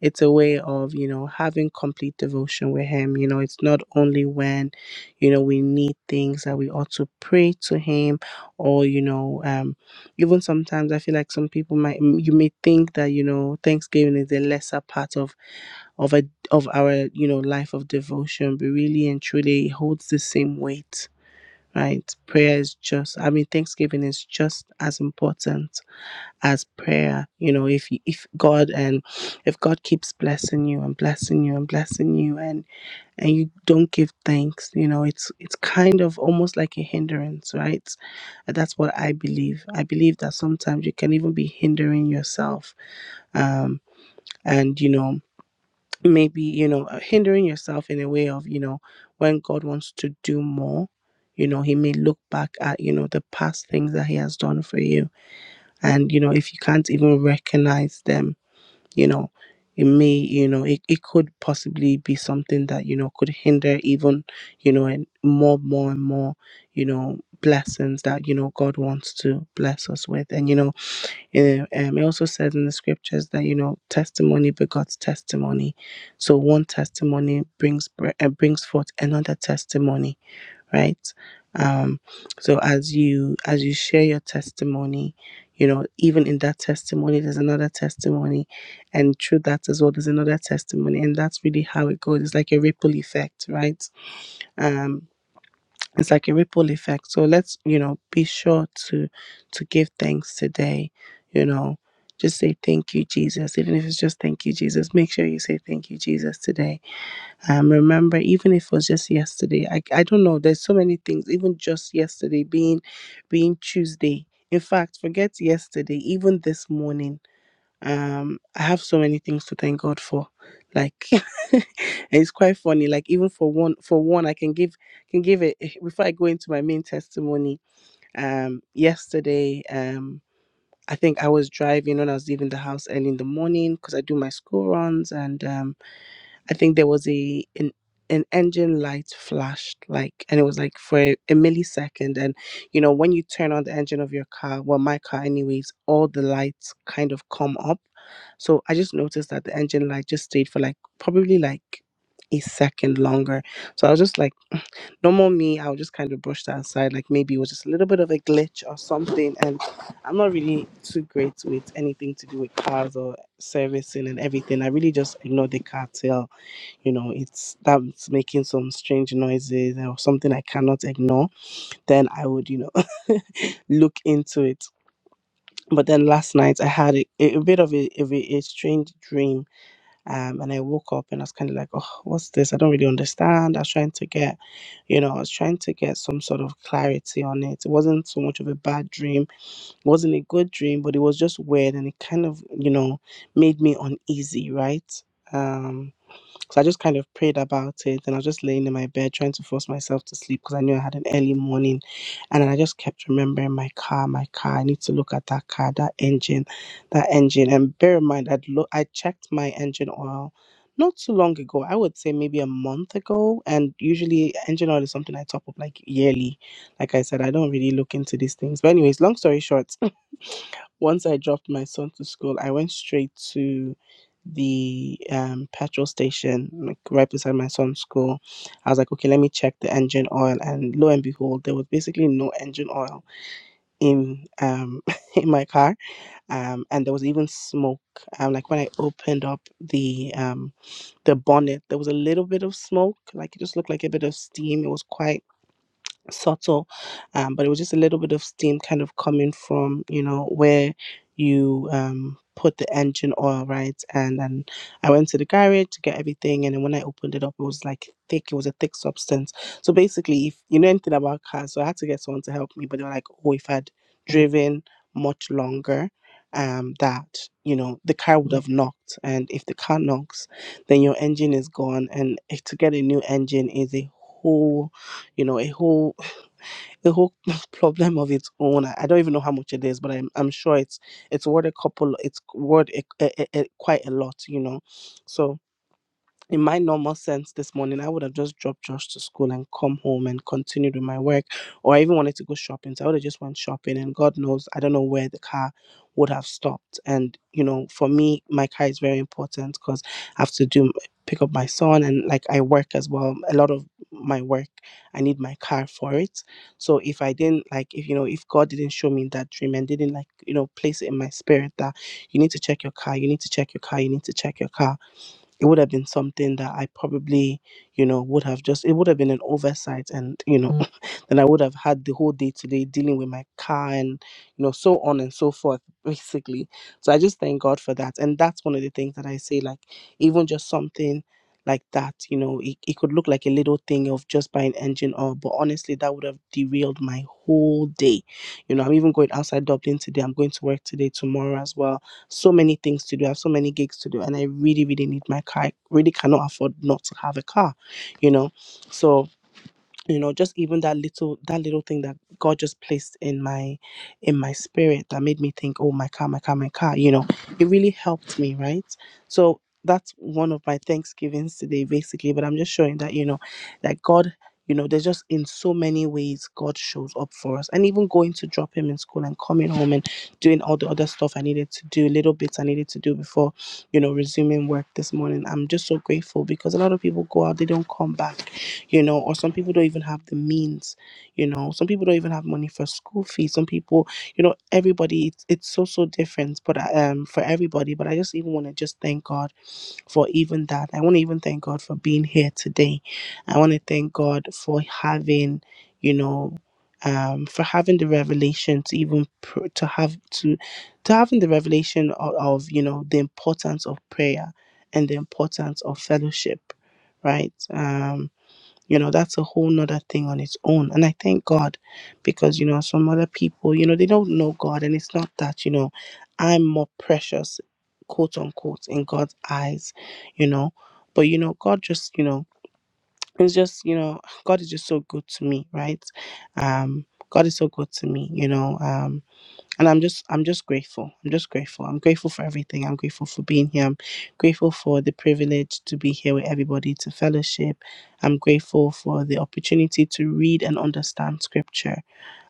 it's a way of you know having complete devotion with him you know it's not only when you know we need things that we ought to pray to him or you know um even sometimes i feel like some people might m- you may think that you know thanksgiving is a lesser part of of a of our you know life of devotion but really and truly it holds the same weight right prayer is just i mean thanksgiving is just as important as prayer you know if you- if god and if god keeps blessing you and blessing you and blessing you and and you don't give thanks you know it's it's kind of almost like a hindrance right And that's what i believe i believe that sometimes you can even be hindering yourself um and you know maybe you know uh, hindering yourself in a way of you know when god wants to do more you know he may look back at you know the past things that he has done for you and you know if you can't even recognize them you know it may you know it, it could possibly be something that you know could hinder even you know and more more and more you know blessings that you know god wants to bless us with and you know eh, um, it also says in the scriptures that you know testimony begots testimony so one testimony brings bre- eh, brings forth another testimony right um so as you as you share your testimony you know even in that testimony there's another testimony and through that as well there's another testimony and that's really how it goes it's like a ripple effect right um it's like a ripple effect so let's you know be sure to to give thanks today you know just say thank you jesus even if it's just thank you jesus make sure you say thank you jesus today um, remember, even if it was just yesterday, I, I don't know. There's so many things. Even just yesterday being being Tuesday. In fact, forget yesterday. Even this morning, um, I have so many things to thank God for. Like, and it's quite funny. Like even for one, for one, I can give can give it before I go into my main testimony. Um, yesterday, um. I think I was driving when I was leaving the house early in the morning because I do my school runs and um, I think there was a an, an engine light flashed like and it was like for a, a millisecond and you know when you turn on the engine of your car well my car anyways all the lights kind of come up so I just noticed that the engine light just stayed for like probably like a second longer. So I was just like, normal me, i would just kind of brush that aside. Like maybe it was just a little bit of a glitch or something. And I'm not really too great with anything to do with cars or servicing and everything. I really just ignore the car you know it's that's making some strange noises or something i cannot ignore then i would you know look into it but then last night i had a, a bit of a, of a, a strange dream um, and i woke up and i was kind of like oh what's this i don't really understand i was trying to get you know i was trying to get some sort of clarity on it it wasn't so much of a bad dream it wasn't a good dream but it was just weird and it kind of you know made me uneasy right Um. So I just kind of prayed about it and I was just laying in my bed trying to force myself to sleep because I knew I had an early morning. And then I just kept remembering my car, my car. I need to look at that car, that engine, that engine. And bear in mind, I'd lo- I checked my engine oil not too long ago. I would say maybe a month ago. And usually, engine oil is something I top up like yearly. Like I said, I don't really look into these things. But, anyways, long story short, once I dropped my son to school, I went straight to the um, petrol station, like right beside my son's school. I was like, okay, let me check the engine oil, and lo and behold, there was basically no engine oil in um, in my car, um, and there was even smoke. Um, like when I opened up the um, the bonnet, there was a little bit of smoke, like it just looked like a bit of steam. It was quite subtle, um, but it was just a little bit of steam kind of coming from you know where you um, put the engine oil, right? And and I went to the garage to get everything, and then when I opened it up, it was like thick. It was a thick substance. So basically, if you know anything about cars, so I had to get someone to help me, but they were like, oh, if I'd driven much longer. Um, that you know the car would have knocked, and if the car knocks, then your engine is gone, and eh, to get a new engine is a whole you know, a whole a whole problem of its own. I I don't even know how much it is, but I'm I'm sure it's it's worth a couple. It's worth a, a, a, a- quite a lot, you know. So in my normal sense this morning, I would have just dropped Josh to school and come home and continued with my work, or I even wanted to go shopping. So I would have just went shopping, and God knows I don't know where the car would have stopped. And you know, for me, my car is very important because I have to do pick up my son, and like I work as well. A lot of my work, I need my car for it. So if I didn't like, if you know, if God didn't show me that dream and didn't like, you know, place it in my spirit that you need to check your car, you need to check your car, you need to check your car it would have been something that I probably, you know, would have just, it would have been an oversight. And, you know, Mm. then I would have had the whole day today dealing with my car and, you know, so on and so forth, basically. So I just thank God for that. And that's one of the things that I say, like, even just something like that, you know, it, it could look like a little thing of just buying engine oil, but honestly, that would have derailed my whole day. You know, I'm even going outside Dublin today. I'm going to work today, tomorrow as well so many things to do. I have so many gigs to do, and I really, really need my car. I really cannot afford not to have a car, you know. So you know just even that little that little thing that god just placed in my in my spirit that made me think oh my car my car my car you know it really helped me right so that's one of my thanksgivings today basically but i'm just showing that you know that god you know there's just in so many ways god shows up for us and even going to drop him in school and coming home and doing all the other stuff i needed to do little bits i needed to do before you know resuming work this morning i'm just so grateful because a lot of people go out they don't come back you know, or some people don't even have the means, you know, some people don't even have money for school fees. Some people, you know, everybody, it's, it's so, so different, but I- um, for everybody. But I just even want to just thank God for even that. I want to even thank God for being here today. I want to thank God for having, you know, um, for having the revelation to even pr- to have to to having the revelation of, of you know the importance of prayer and the importance of fellowship right Um, you know that's a whole nother thing on its own and i thank god because you know some other people you know they don't know god and it's not that you know i'm more precious quote unquote in god's eyes you know but you know god just you know it's just you know god is just so good to me right um god is so good to me you know um and i'm just i'm just grateful i'm just grateful i'm grateful for everything i'm grateful for being here i'm grateful for the privilege to be here with everybody to fellowship i'm grateful for the opportunity to read and understand scripture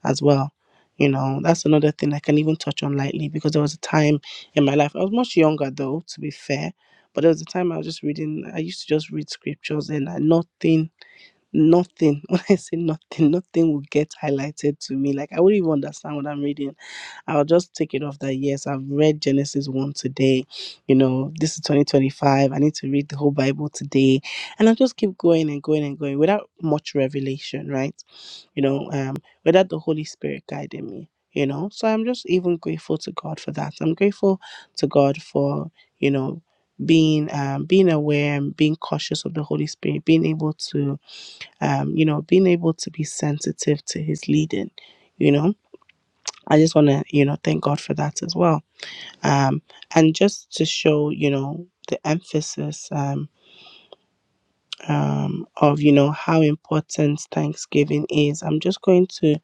as well you know that's another thing i can even touch on lightly because there was a time in my life i was much younger though to be fair but there was a time i was just reading i used to just read scriptures and I, nothing nothing when i say nothing nothing would get highlighted to me like i wouldn't even understand what i'm reading I'll just take it off that yes, I've read Genesis 1 today. You know, this is 2025. I need to read the whole Bible today. And I'll just keep going and going and going without much revelation, right? You know, um, without the Holy Spirit guiding me, you know. So I'm just even grateful to God for that. I'm grateful to God for, you know, being um, being aware and being cautious of the Holy Spirit, being able to um, you know, being able to be sensitive to his leading, you know I just want to, you know, thank God for that as well. Um, and just to show, you know, the emphasis um, um, of, you know, how important Thanksgiving is, I'm just going to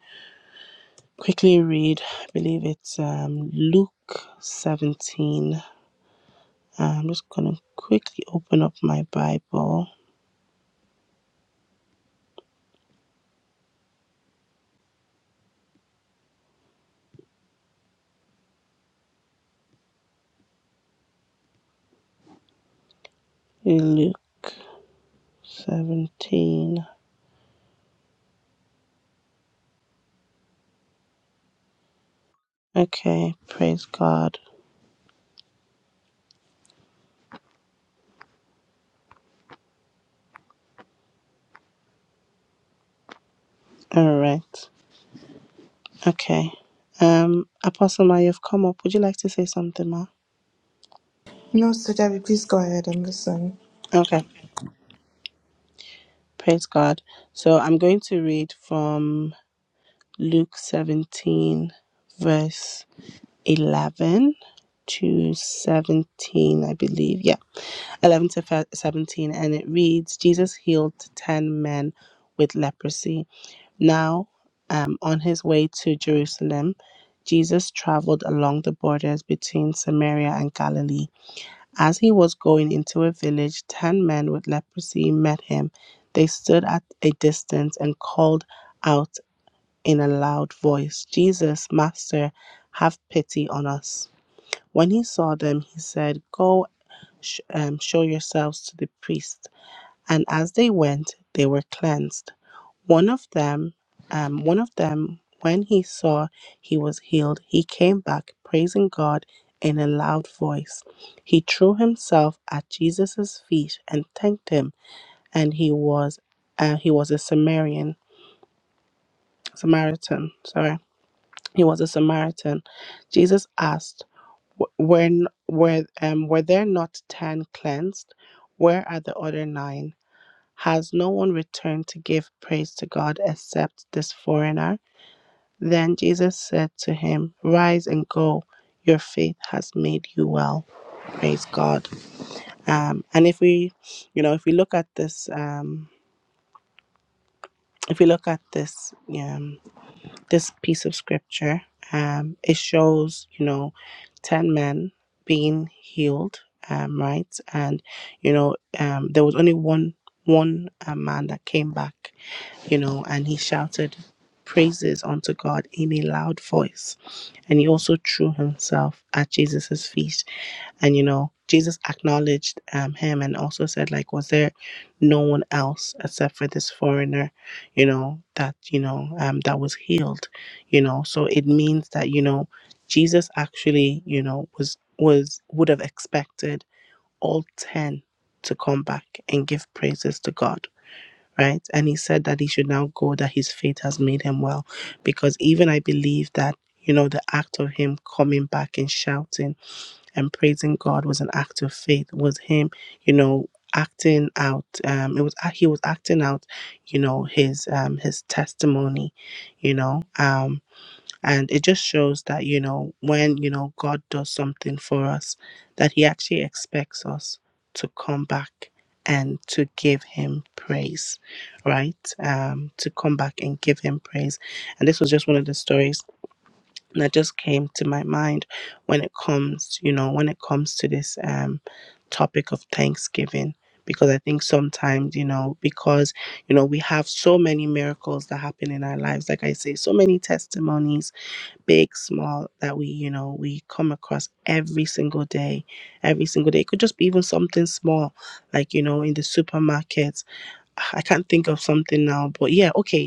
quickly read, I believe it's um, Luke 17. Uh, I'm just going to quickly open up my Bible. Luke 17. Okay, praise God. All right. Okay. Um, Apostle Ma, you've come up. Would you like to say something, Ma?
No, Sir Debbie, please go ahead and listen.
Okay. Praise God. So I'm going to read from Luke 17, verse 11 to 17, I believe. Yeah, 11 to fe- 17. And it reads Jesus healed 10 men with leprosy. Now, um, on his way to Jerusalem, Jesus traveled along the borders between Samaria and Galilee. As he was going into a village, ten men with leprosy met him. They stood at a distance and called out in a loud voice, Jesus, Master, have pity on us. When he saw them, he said, Go sh- um, show yourselves to the priest. And as they went, they were cleansed. One of them, um, one of them, when he saw he was healed, he came back praising God in a loud voice. He threw himself at Jesus' feet and thanked him, and he was, uh, he was a Samaritan. Samaritan, sorry, he was a Samaritan. Jesus asked, "W- "Were n- were um, were there not ten cleansed? Where are the other nine? Has no one returned to give praise to God except this foreigner?" Then Jesus said to him, Rise and go. Your faith has made you well. Praise God. Um, and if we, you know, if we look at this, um, if we look at this, um, this piece of scripture, um, it shows, you know, ten men being healed, um, right? And you know, um, there was only one one uh, man that came back you know, and he shouted praises unto God in a loud voice. And he also threw himself at Jesus' feet. And, you know, Jesus acknowledged um, him and also said, like, was there no one else except for this foreigner, you know, that, you know, um, that was healed, you know? So it means that, you know, Jesus actually, you know, was, was, would have expected all 10 to come back and give praises to God right? And he said that he should now go, that his faith has made him well. Because even I believe that, you know, the act of him coming back and shouting and praising God was an act of faith, was him, you know, acting out um it was he was acting out you know his um his testimony you know um and it just shows that you know when you know god does something for us that he actually expects us to come back and to give him praise right um to come back and give him praise and this was just one of the stories that just came to my mind when it comes you know when it comes to this um topic of thanksgiving because i think sometimes you know because you know we have so many miracles that happen in our lives like i say so many testimonies big, small, that we, you know, we come across every single day. Every single day. It could just be even something small, like, you know, in the supermarket. I can't think of something now, but yeah, okay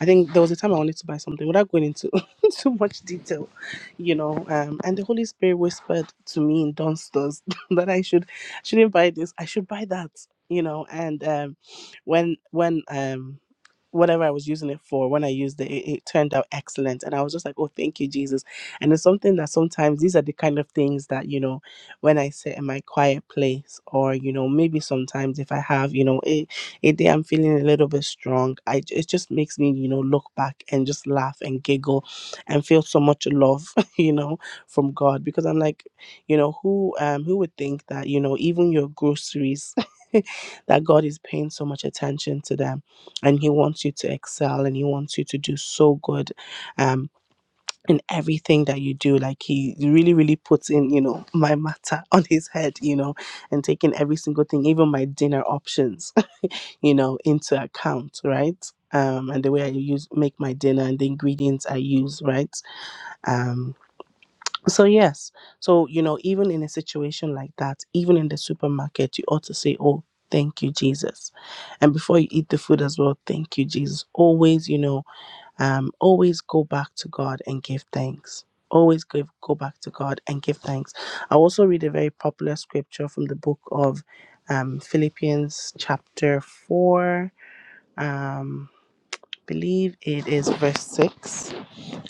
I think there was a time I wanted to buy something without going into too much detail, you know. Um, and the Holy Spirit whispered to me in downstairs that I should shouldn't buy this. I should buy that, you know. And um, when when um whatever I was using it for, when I used it, it, it turned out excellent. And I was just like, oh, thank you, Jesus. And it's something that sometimes these are the kind of things that you know when I sit in my quiet place, or you know maybe sometimes if I have you know it a day I'm feeling a little bit strong, I it just makes me, you know, look back and just laugh and giggle and feel so much love, you know, from God because I'm like, you know, who um who would think that, you know, even your groceries that God is paying so much attention to them and he wants you to excel and he wants you to do so good um in everything that you do like he really really puts in you know my matter on his head you know and taking every single thing even my dinner options you know, into account, right? Um, and the way I use make my dinner and the ingredients I use, right? Um, so yes, so you know, even in a situation like that, even in the supermarket, you ought to say, "Oh, thank you, Jesus," and before you eat the food as well, "Thank you, Jesus." Always, you know, um, always go back to God and give thanks. Always give, go back to God and give thanks. I also read a very popular scripture from the book of um, Philippians, chapter 4 um believe it is verse 6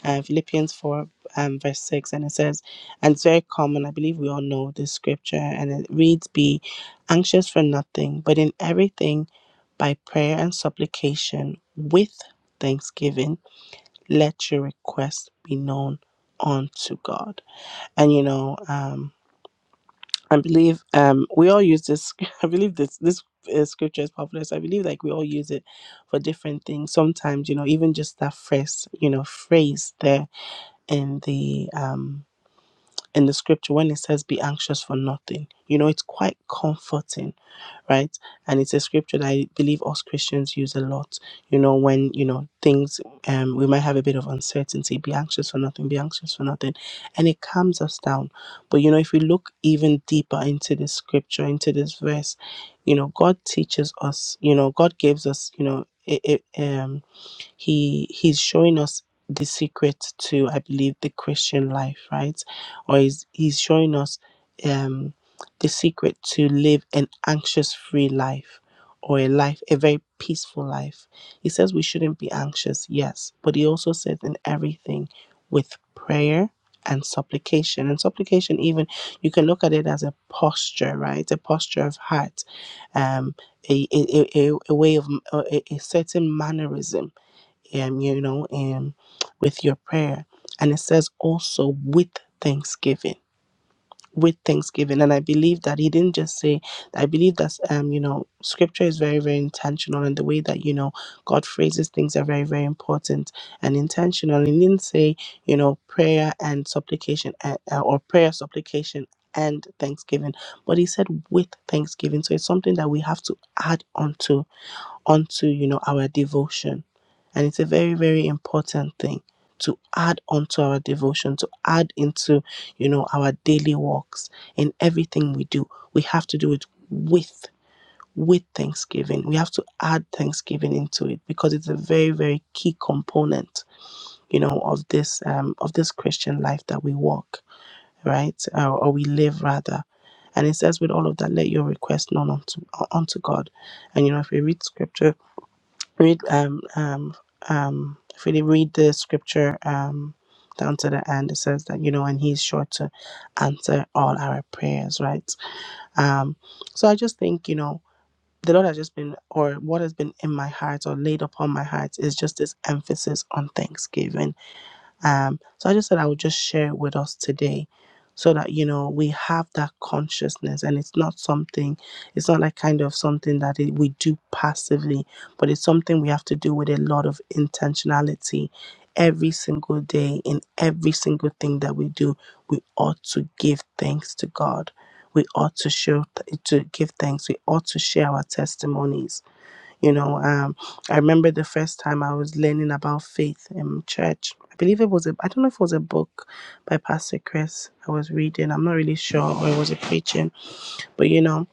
uh, philippians 4 um, verse 6 and it says and it's very common i believe we all know this scripture and it reads be anxious for nothing but in everything by prayer and supplication with thanksgiving let your requests be known unto god and you know um I believe um we all use this. I believe this this uh, scripture is popular, so I believe like we all use it for different things. Sometimes you know even just that phrase, you know, phrase there in the um in the scripture when it says "be anxious for nothing," you know, it's quite comforting right? And it's a scripture that I believe us Christians use a lot. You know, when you know things, um, we might have a bit of uncertainty. Be anxious for nothing. Be anxious for nothing, and it calms us down. But you know, if we look even deeper into this scripture, into this verse, you know, God teaches us. You know, God gives us. You know, it, it, um, he he's showing us the secret to i believe the christian life right or he's, he's showing us um the secret to live an anxious free life or a life a very peaceful life he says we shouldn't be anxious yes but he also says in everything with prayer and supplication and supplication even you can look at it as a posture right a posture of heart um a a, a, a way of a, a certain mannerism um you know um with your prayer and it says also with thanksgiving with thanksgiving and i believe that he didn't just say i believe that um you know scripture is very very intentional and the way that you know god phrases things are very very important and intentional and he didn't say you know prayer and supplication uh, uh, or prayer supplication and thanksgiving but he said with thanksgiving so it's something that we have to add on to onto you know our devotion and it's a very very important thing to add onto our devotion to add into you know our daily walks in everything we do we have to do it with with thanksgiving we have to add thanksgiving into it because it's a very very key component you know of this um of this christian life that we walk right Uh, or we live rather and it says with all of that let your request known unto unto god and you know if we read scripture Read um um um if we read the scripture um down to the end, it says that you know, and He's sure to answer all our prayers, right? Um, so I just think you know the Lord has just been, or what has been in my heart or laid upon my heart is just this emphasis on thanksgiving um, so I just said I would just share it with us today so that, you know, we have that consciousness and it's not something, it's not like kind of something that it, we do passively, but it's something we have to do with a lot of intentionality. Every single day, in every single thing that we do, we ought to give thanks to God. We ought to show to give thanks. We ought to share our testimonies you know, um, I remember the first time I was learning about faith in church. I believe it was a, I don't know if it was a book by Pastor Chris I was reading. I'm not really sure, or it was a preaching, but you know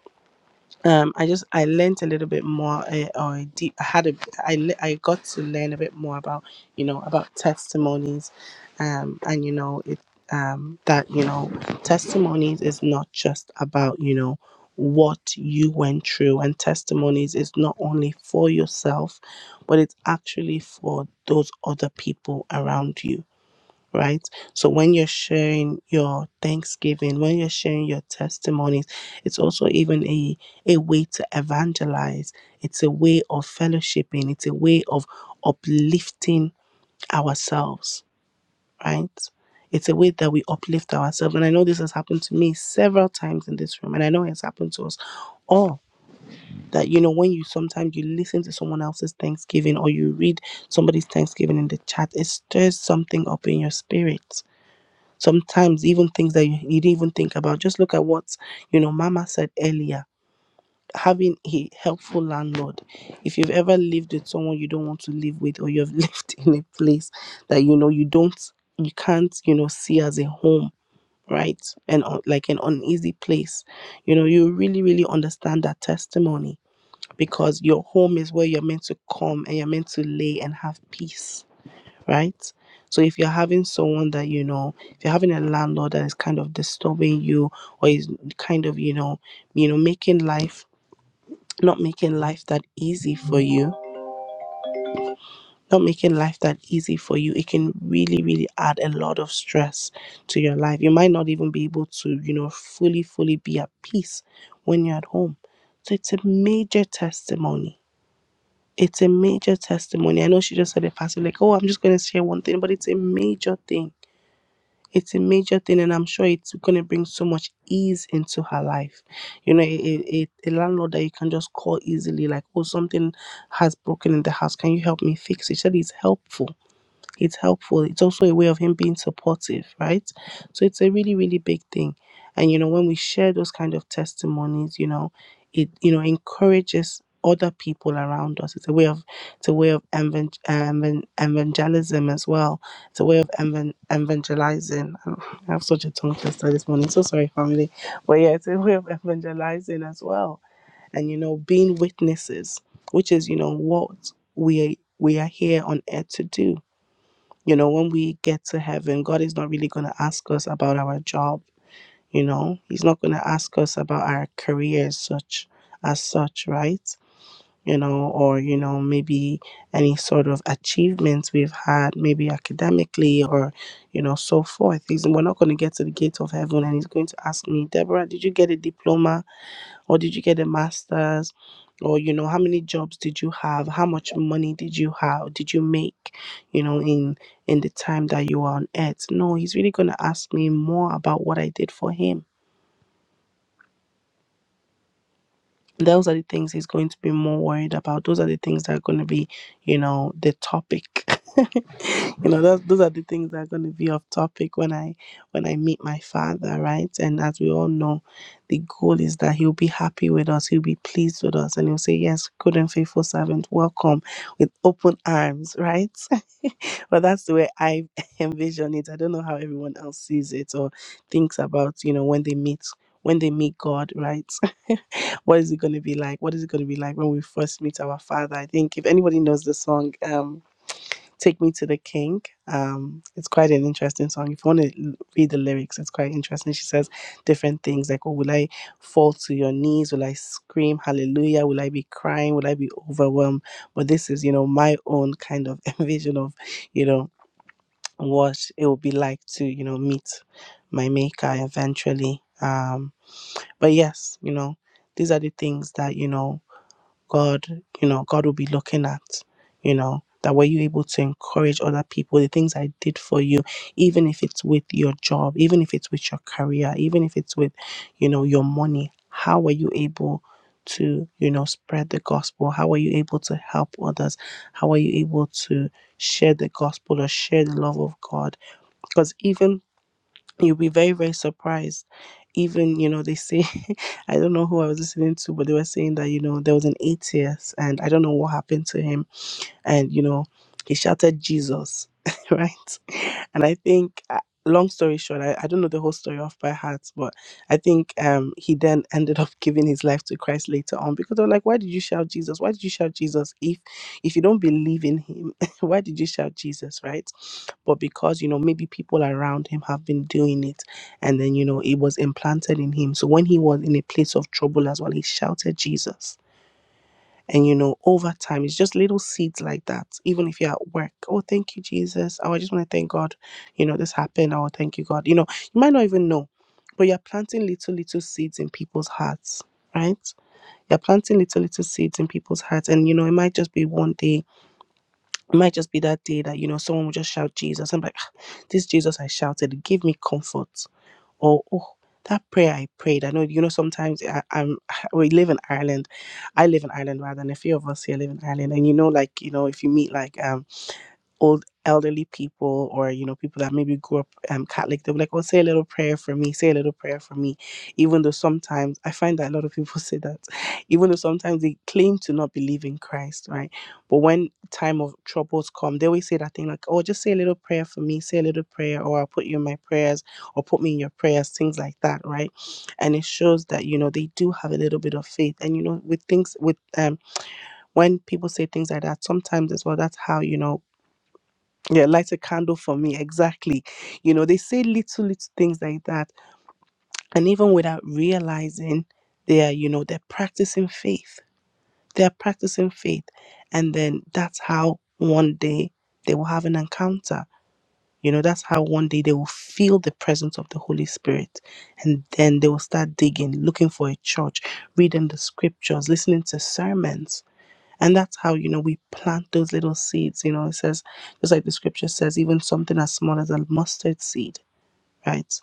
um i just i learned a little bit more uh, or I, deep, I had a I, le- I got to learn a bit more about you know about testimonies um and you know it um that you know testimonies is not just about you know what you went through and testimonies is not only for yourself but it's actually for those other people around you right? So when you're sharing your thanksgiving, when you're sharing your testimonies, it's also even a, a way to evangelize. It's a way of fellowshipping. It's a way of uplifting ourselves, right? It's a way that we uplift ourselves. And I know this has happened to me several times in this room, and I know it's happened to us all. That you know, when you sometimes you listen to someone else's Thanksgiving or you read somebody's Thanksgiving in the chat, it stirs something up in your spirit sometimes even things that you, you didn't even think about just look at what you know mama said earlier having a helpful landlord if you've ever lived with someone you don't want to live with or you've lived in a place that you know you don't you can't you know see as a home right and uh, like an uneasy place you know you really really understand that testimony because your home is where you're meant to come and you're meant to lay and have peace right? So if you're having someone that you know, if you're having a landlord that is kind of disturbing you or is kind of, you know, you know, making life not making life that easy for you, not making life that easy for you, it can really, really add a lot of stress to your life. You might not even be able to, you know, fully, fully be at peace when you're at home. So it's a major testimony. It's a major testimony. I know she just said it passively, like, oh, I'm just going to share one thing, but it's a major thing it's a major thing and i'm sure it's going to bring so much ease into her life you know a, a, a a landlord that you can just call easily like oh something has broken in the house can you help me fix it Surely it's helpful it's helpful. It's also a way of him being supportive, right? So it's a really, really big thing. And you know, when we share those kind of testimonies, you know, it you know encourages other people around us. It's a way of it's a way of evan- evan- evangelism as well. It's a way of evan- evangelizing. I have such a tongue twister this morning. So sorry, family. But yeah, it's a way of evangelizing as well. And you know, being witnesses, which is you know what we we are here on earth to do you know, when we get to heaven, God is not really going to ask us about our job, you know. He's not going to ask us about our careers such as such, right? You know, or you know, maybe any sort of achievements we've had, maybe academically or you know, so forth. He's, we're not going to get to the gate of heaven and he's going to ask me, Deborah, did you get a diploma? or did you get a master's or you know how many jobs did you have how much money did you have did you make you know in in the time that you were on earth no he's really going to ask me more about what i did for him those are the things he's going to be more worried about. Those are the things that are going to be, you know, the topic. you know, those those are the things that are going to be off topic when I when I meet my father, right? And as we all know, the goal is that he'll be happy with us, he'll be pleased with us, and he'll say, "Yes, good and faithful servant, welcome with open arms," right? but that's the way I envision it. I don't know how everyone else sees it or thinks about, you know, when they meet when they meet God, right? what is it going to be like? What is it going to be like when we first meet our father? I think if anybody knows the song, um, Take Me to the King, um, it's quite an interesting song. If you want to read the lyrics, it's quite interesting. She says different things like, Oh, will I fall to your knees? Will I scream hallelujah? Will I be crying? Will I be overwhelmed? But this is, you know, my own kind of vision of, you know, what it would be like to, you know, meet my maker eventually. Um, but yes, you know, these are the things that, you know, God, you know, God will be looking at, you know, that were you able to encourage other people, the things I did for you, even if it's with your job, even if it's with your career, even if it's with, you know, your money, how were you able to, you know, spread the gospel? How were you able to help others? How were you able to share the gospel or share the love of God? Because even you'll be very very surprised even you know they say i don't know who i was listening to but they were saying that you know there was an atheist and i don't know what happened to him and you know he shouted jesus right and i think uh, long story short I, I don't know the whole story off by heart but i think um he then ended up giving his life to christ later on because they were like why did you shout jesus why did you shout jesus if if you don't believe in him why did you shout jesus right but because you know maybe people around him have been doing it and then you know it was implanted in him so when he was in a place of trouble as well he shouted jesus and you know, over time, it's just little seeds like that. Even if you're at work, oh, thank you, Jesus. Oh, I just want to thank God. You know, this happened. Oh, thank you, God. You know, you might not even know, but you're planting little, little seeds in people's hearts, right? You're planting little, little seeds in people's hearts. And, you know, it might just be one day, it might just be that day that, you know, someone will just shout Jesus. I'm like, "Ah, this Jesus I shouted, it gave me comfort or oh that prayer I prayed. I know you know sometimes I, I'm we live in Ireland. I live in Ireland rather, and a few of us here live in Ireland. And you know, like you know, if you meet like um old elderly people or you know people that maybe grew up um, catholic they'll be like oh say a little prayer for me say a little prayer for me even though sometimes i find that a lot of people say that even though sometimes they claim to not believe in christ right but when time of troubles come they always say that thing like oh just say a little prayer for me say a little prayer or i'll put you in my prayers or put me in your prayers things like that right and it shows that you know they do have a little bit of faith and you know with things with um when people say things like that sometimes as well that's how you know yeah light a candle for me exactly you know they say little little things like that and even without realizing they are you know they're practicing faith they're practicing faith and then that's how one day they will have an encounter you know that's how one day they will feel the presence of the holy spirit and then they will start digging looking for a church reading the scriptures listening to sermons and that's how, you know, we plant those little seeds. You know, it says, just like the scripture says, even something as small as a mustard seed, right?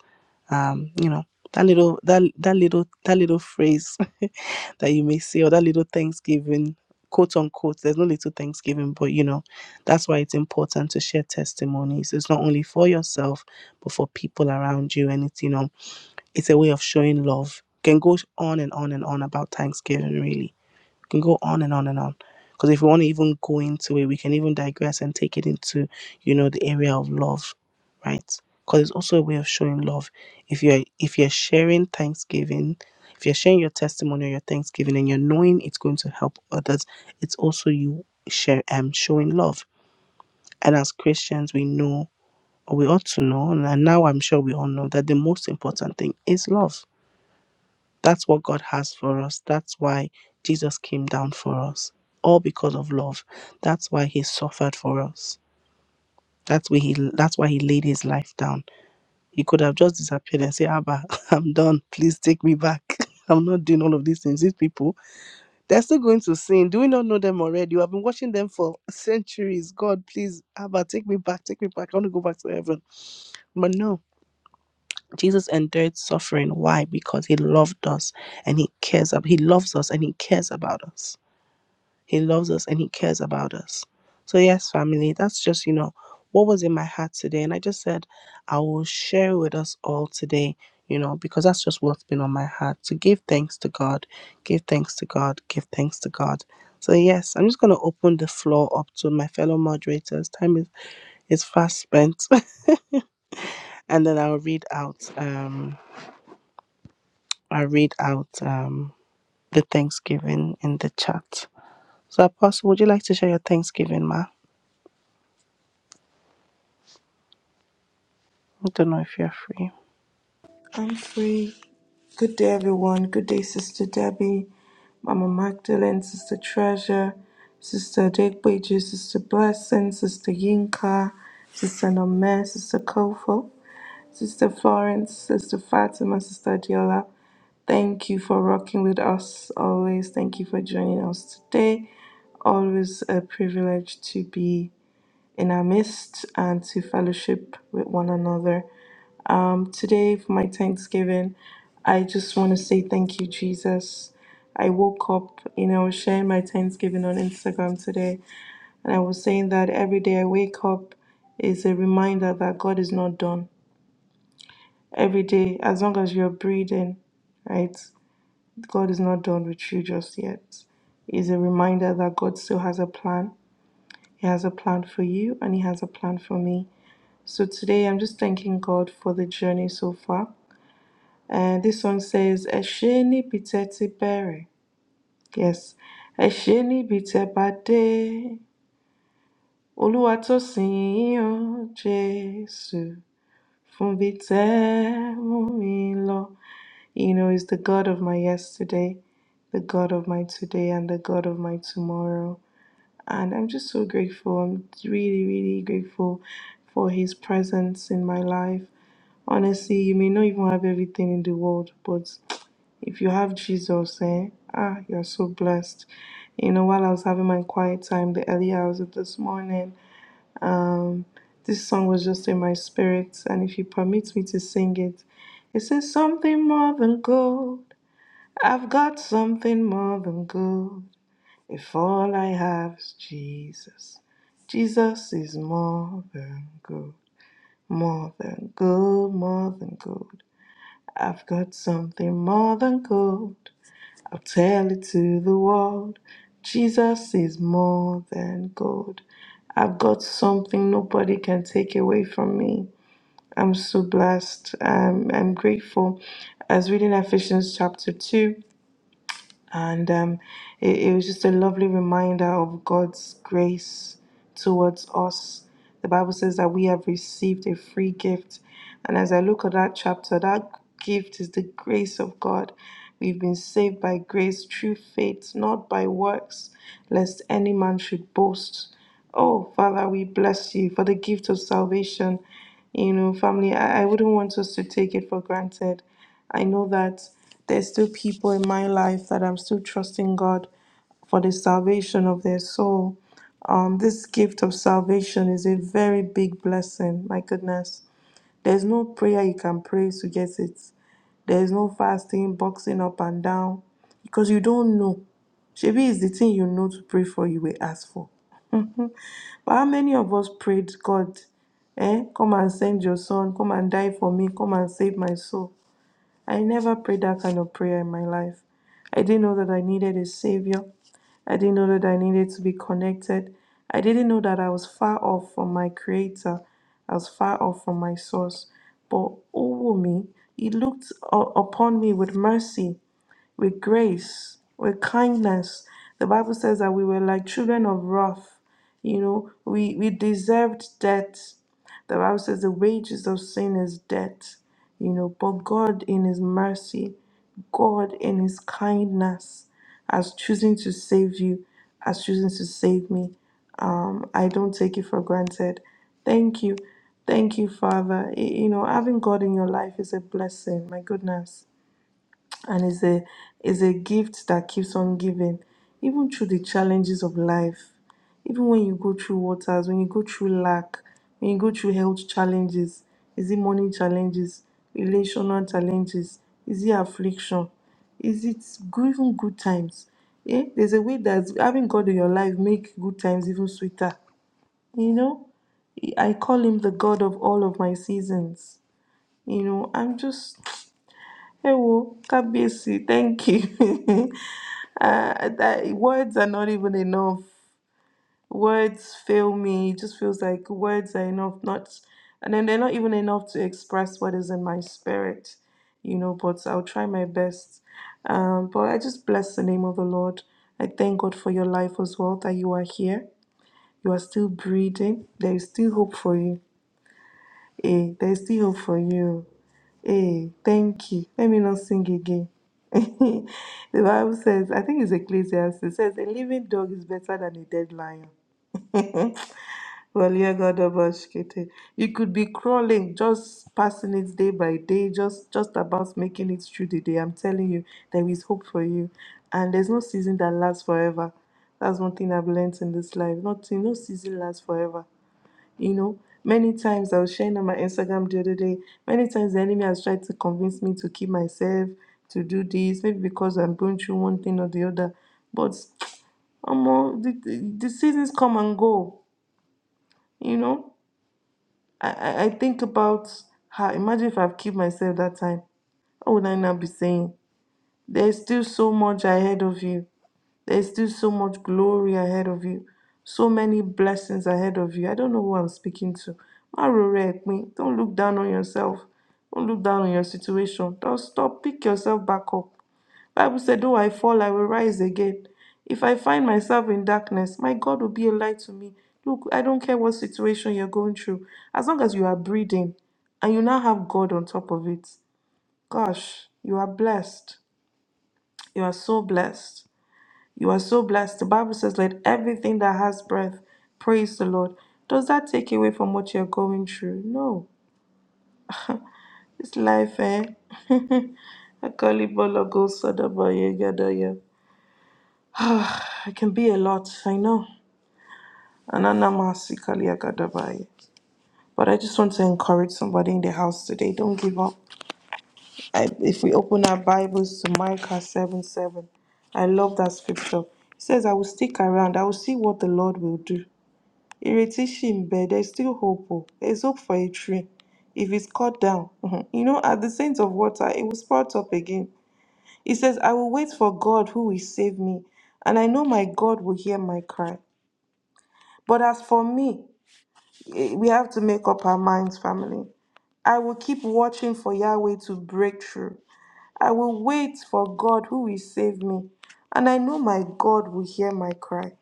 Um, you know, that little that that little that little phrase that you may say or that little thanksgiving quote unquote there's no little thanksgiving but you know that's why it's important to share testimonies it's not only for yourself but for people around you and it's you know it's a way of showing love can go on and on and on about thanksgiving really can go on and on and on. Because if we want to even go into it, we can even digress and take it into, you know, the area of love, right? Because it's also a way of showing love. If you're if you're sharing Thanksgiving, if you're sharing your testimony or your Thanksgiving and you're knowing it's going to help others, it's also you share um showing love. And as Christians, we know or we ought to know, and now I'm sure we all know that the most important thing is love that's what God has for us. That's why Jesus came down for us, all because of love. That's why he suffered for us. That's why he that's why he laid his life down. He could have just disappeared and said, Abba, I'm done. Please take me back. I'm not doing all of these things. These people, they're still going to sin. Do we not know them already? You have been watching them for centuries. God, please, Abba, take me back, take me back. I want to go back to heaven. But no. Jesus endured suffering. Why? Because he loved us and he cares ab- he loves us and he cares about us. He loves us and he cares about us. So yes, family, that's just, you know, what was in my heart today. And I just said I will share it with us all today, you know, because that's just what's been on my heart. To give thanks to God, give thanks to God, give thanks to God. So yes, I'm just gonna open the floor up to my fellow moderators. Time is, is fast spent. and then I'll read out. Um, I read out um, the Thanksgiving in the chat. So, Apostle, would you like to share your Thanksgiving, Ma? I don't know if you're free.
I'm free. Good day, everyone. Good day, Sister Debbie, Mama Magdalene, Sister Treasure, Sister Adekweju, Sister Blessing, Sister Yinka, Sister Nome, Sister Kofo, Sister Florence, Sister Fatima, Sister Diola. Thank you for rocking with us always. Thank you for joining us today. Always a privilege to be in our midst and to fellowship with one another. Um, today, for my Thanksgiving, I just want to say thank you, Jesus. I woke up, you know, I was sharing my Thanksgiving on Instagram today, and I was saying that every day I wake up is a reminder that God is not done. Every day, as long as you're breathing, right? God is not done with you just yet. It's a reminder that God still has a plan. He has a plan for you and He has a plan for me. So today I'm just thanking God for the journey so far. And this one says, Esheni biteti bere. Yes. Esheni bitebade. Oluwatosin Jesu. Fumbite mumilo. You know, He's the God of my yesterday, the God of my today, and the God of my tomorrow. And I'm just so grateful. I'm really, really grateful for his presence in my life. Honestly, you may not even have everything in the world, but If you have Jesus, eh? Ah, you're so blessed. You know, while I was having my quiet time, the early hours of this morning, this song was just in my spirit. And if you permit me to sing it, it says, Something more than gold. I've got something more than gold. If all I have is Jesus, Jesus is more than gold. More than gold, more than gold. I've got something more than gold. I'll tell it to the world. Jesus is more than gold. I've got something nobody can take away from me. I'm so blessed. Um, I'm grateful. I was reading Ephesians chapter 2 and um, it, it was just a lovely reminder of God's grace towards us. The Bible says that we have received a free gift. And as I look at that chapter, that gift is the grace of God. We've been saved by grace through faith, not by works, lest any man should boast. Oh, Father, we bless you for the gift of salvation. You know, family, I, I wouldn't want us to take it for granted. I know that there's still people in my life that I'm still trusting God for the salvation of their soul. Um, this gift of salvation is a very big blessing. My goodness. There's no prayer you can pray to get it. There's no fasting, boxing up and down, because you don't know. Shebi is the thing you know to pray for, you will ask for. But how many of us prayed, God, eh, come and send your son, come and die for me, come and save my soul? I never prayed that kind of prayer in my life. I didn't know that I needed a savior. I didn't know that I needed to be connected. I didn't know that I was far off from my creator. I was far off from my source. But oh me, he looked u- upon me with mercy with grace, with kindness. The Bible says that we were like children of wrath. You know, we, we deserved death. The Bible says the wages of sin is death. You know, but God in His mercy, God in His kindness, as choosing to save you, as choosing to save me. Um, I don't take it for granted. Thank you. Thank you, Father. Y- You know, having God in your life is a blessing. My goodness and is a is a gift that keeps on giving even through the challenges of life even when you go through waters when you go through lack when you go through health challenges is it money challenges relational challenges is it affliction is it good, even good times yeah there's a way that having god in your life make good times even sweeter you know i call him the god of all of my seasons you know i'm just ẹ wo kábíyèsí thank you uh, that, words are not even enough words fail me it just feels like words are enough not and then they're not even enough to express what is in my spirit you know but i'll try my best um, but i just bless the name of the lord i thank god for your life as well that you are here you are still breathing there is still hope for you Eh, there is still hope for you Hey, thank you. Let me not sing again. the Bible says, I think it's Ecclesiastes, it says, a living dog is better than a dead lion. well, yeah, God, Obash-kete. you could be crawling, just passing it day by day, just just about making it through the day. I'm telling you, there is hope for you, and there's no season that lasts forever. That's one thing I've learned in this life. Nothing, no season lasts forever. You know, many times I was sharing on my Instagram the other day, many times the enemy has tried to convince me to keep myself, to do this, maybe because I'm going through one thing or the other. But um, the, the the seasons come and go. You know, I, I I think about how, imagine if I've kept myself that time. What would I now be saying? There's still so much ahead of you. There's still so much glory ahead of you, so many blessings ahead of you. I don't know who I'm speaking to. Ma rore epin. Don't look down on yourself. Don't look down on your situation. Don't stop. Pick yourself back up. Bible said, though I fall, I will rise again. If I find myself in darkness, my God will be a light to me. Look, I don't care what situation you're going through. As long as you are breathing and you now have God on top of it, gosh, you are blessed. You are so blessed. You are so blessed. The Bible says, Let everything that has breath praise the Lord. Does that take away from what you're going through? No. It's life, eh? I call it ball of gold, sada ba ye gada ya. It can be a lot, I know. Anana masi kali ya gada ba ye. But I just want to encourage somebody in the house today. Don't give up. I, if we open our Bibles to Micah 7 7, I love that scripture. It says, I will stick around, I will see what the Lord will do. Ireti ṣì ń bẹ. There's still hope. oh. There's hope for a tree. If it's cut down, mhm. you know, at the saints of water, it will sprout up again. He says, I will wait for God who will save me, and I know my God will hear my cry. But as for me, eh, we have to make up our minds, family. I will keep watching for Yahweh to break through. I will wait for God who will save me, and I know my God will hear my cry.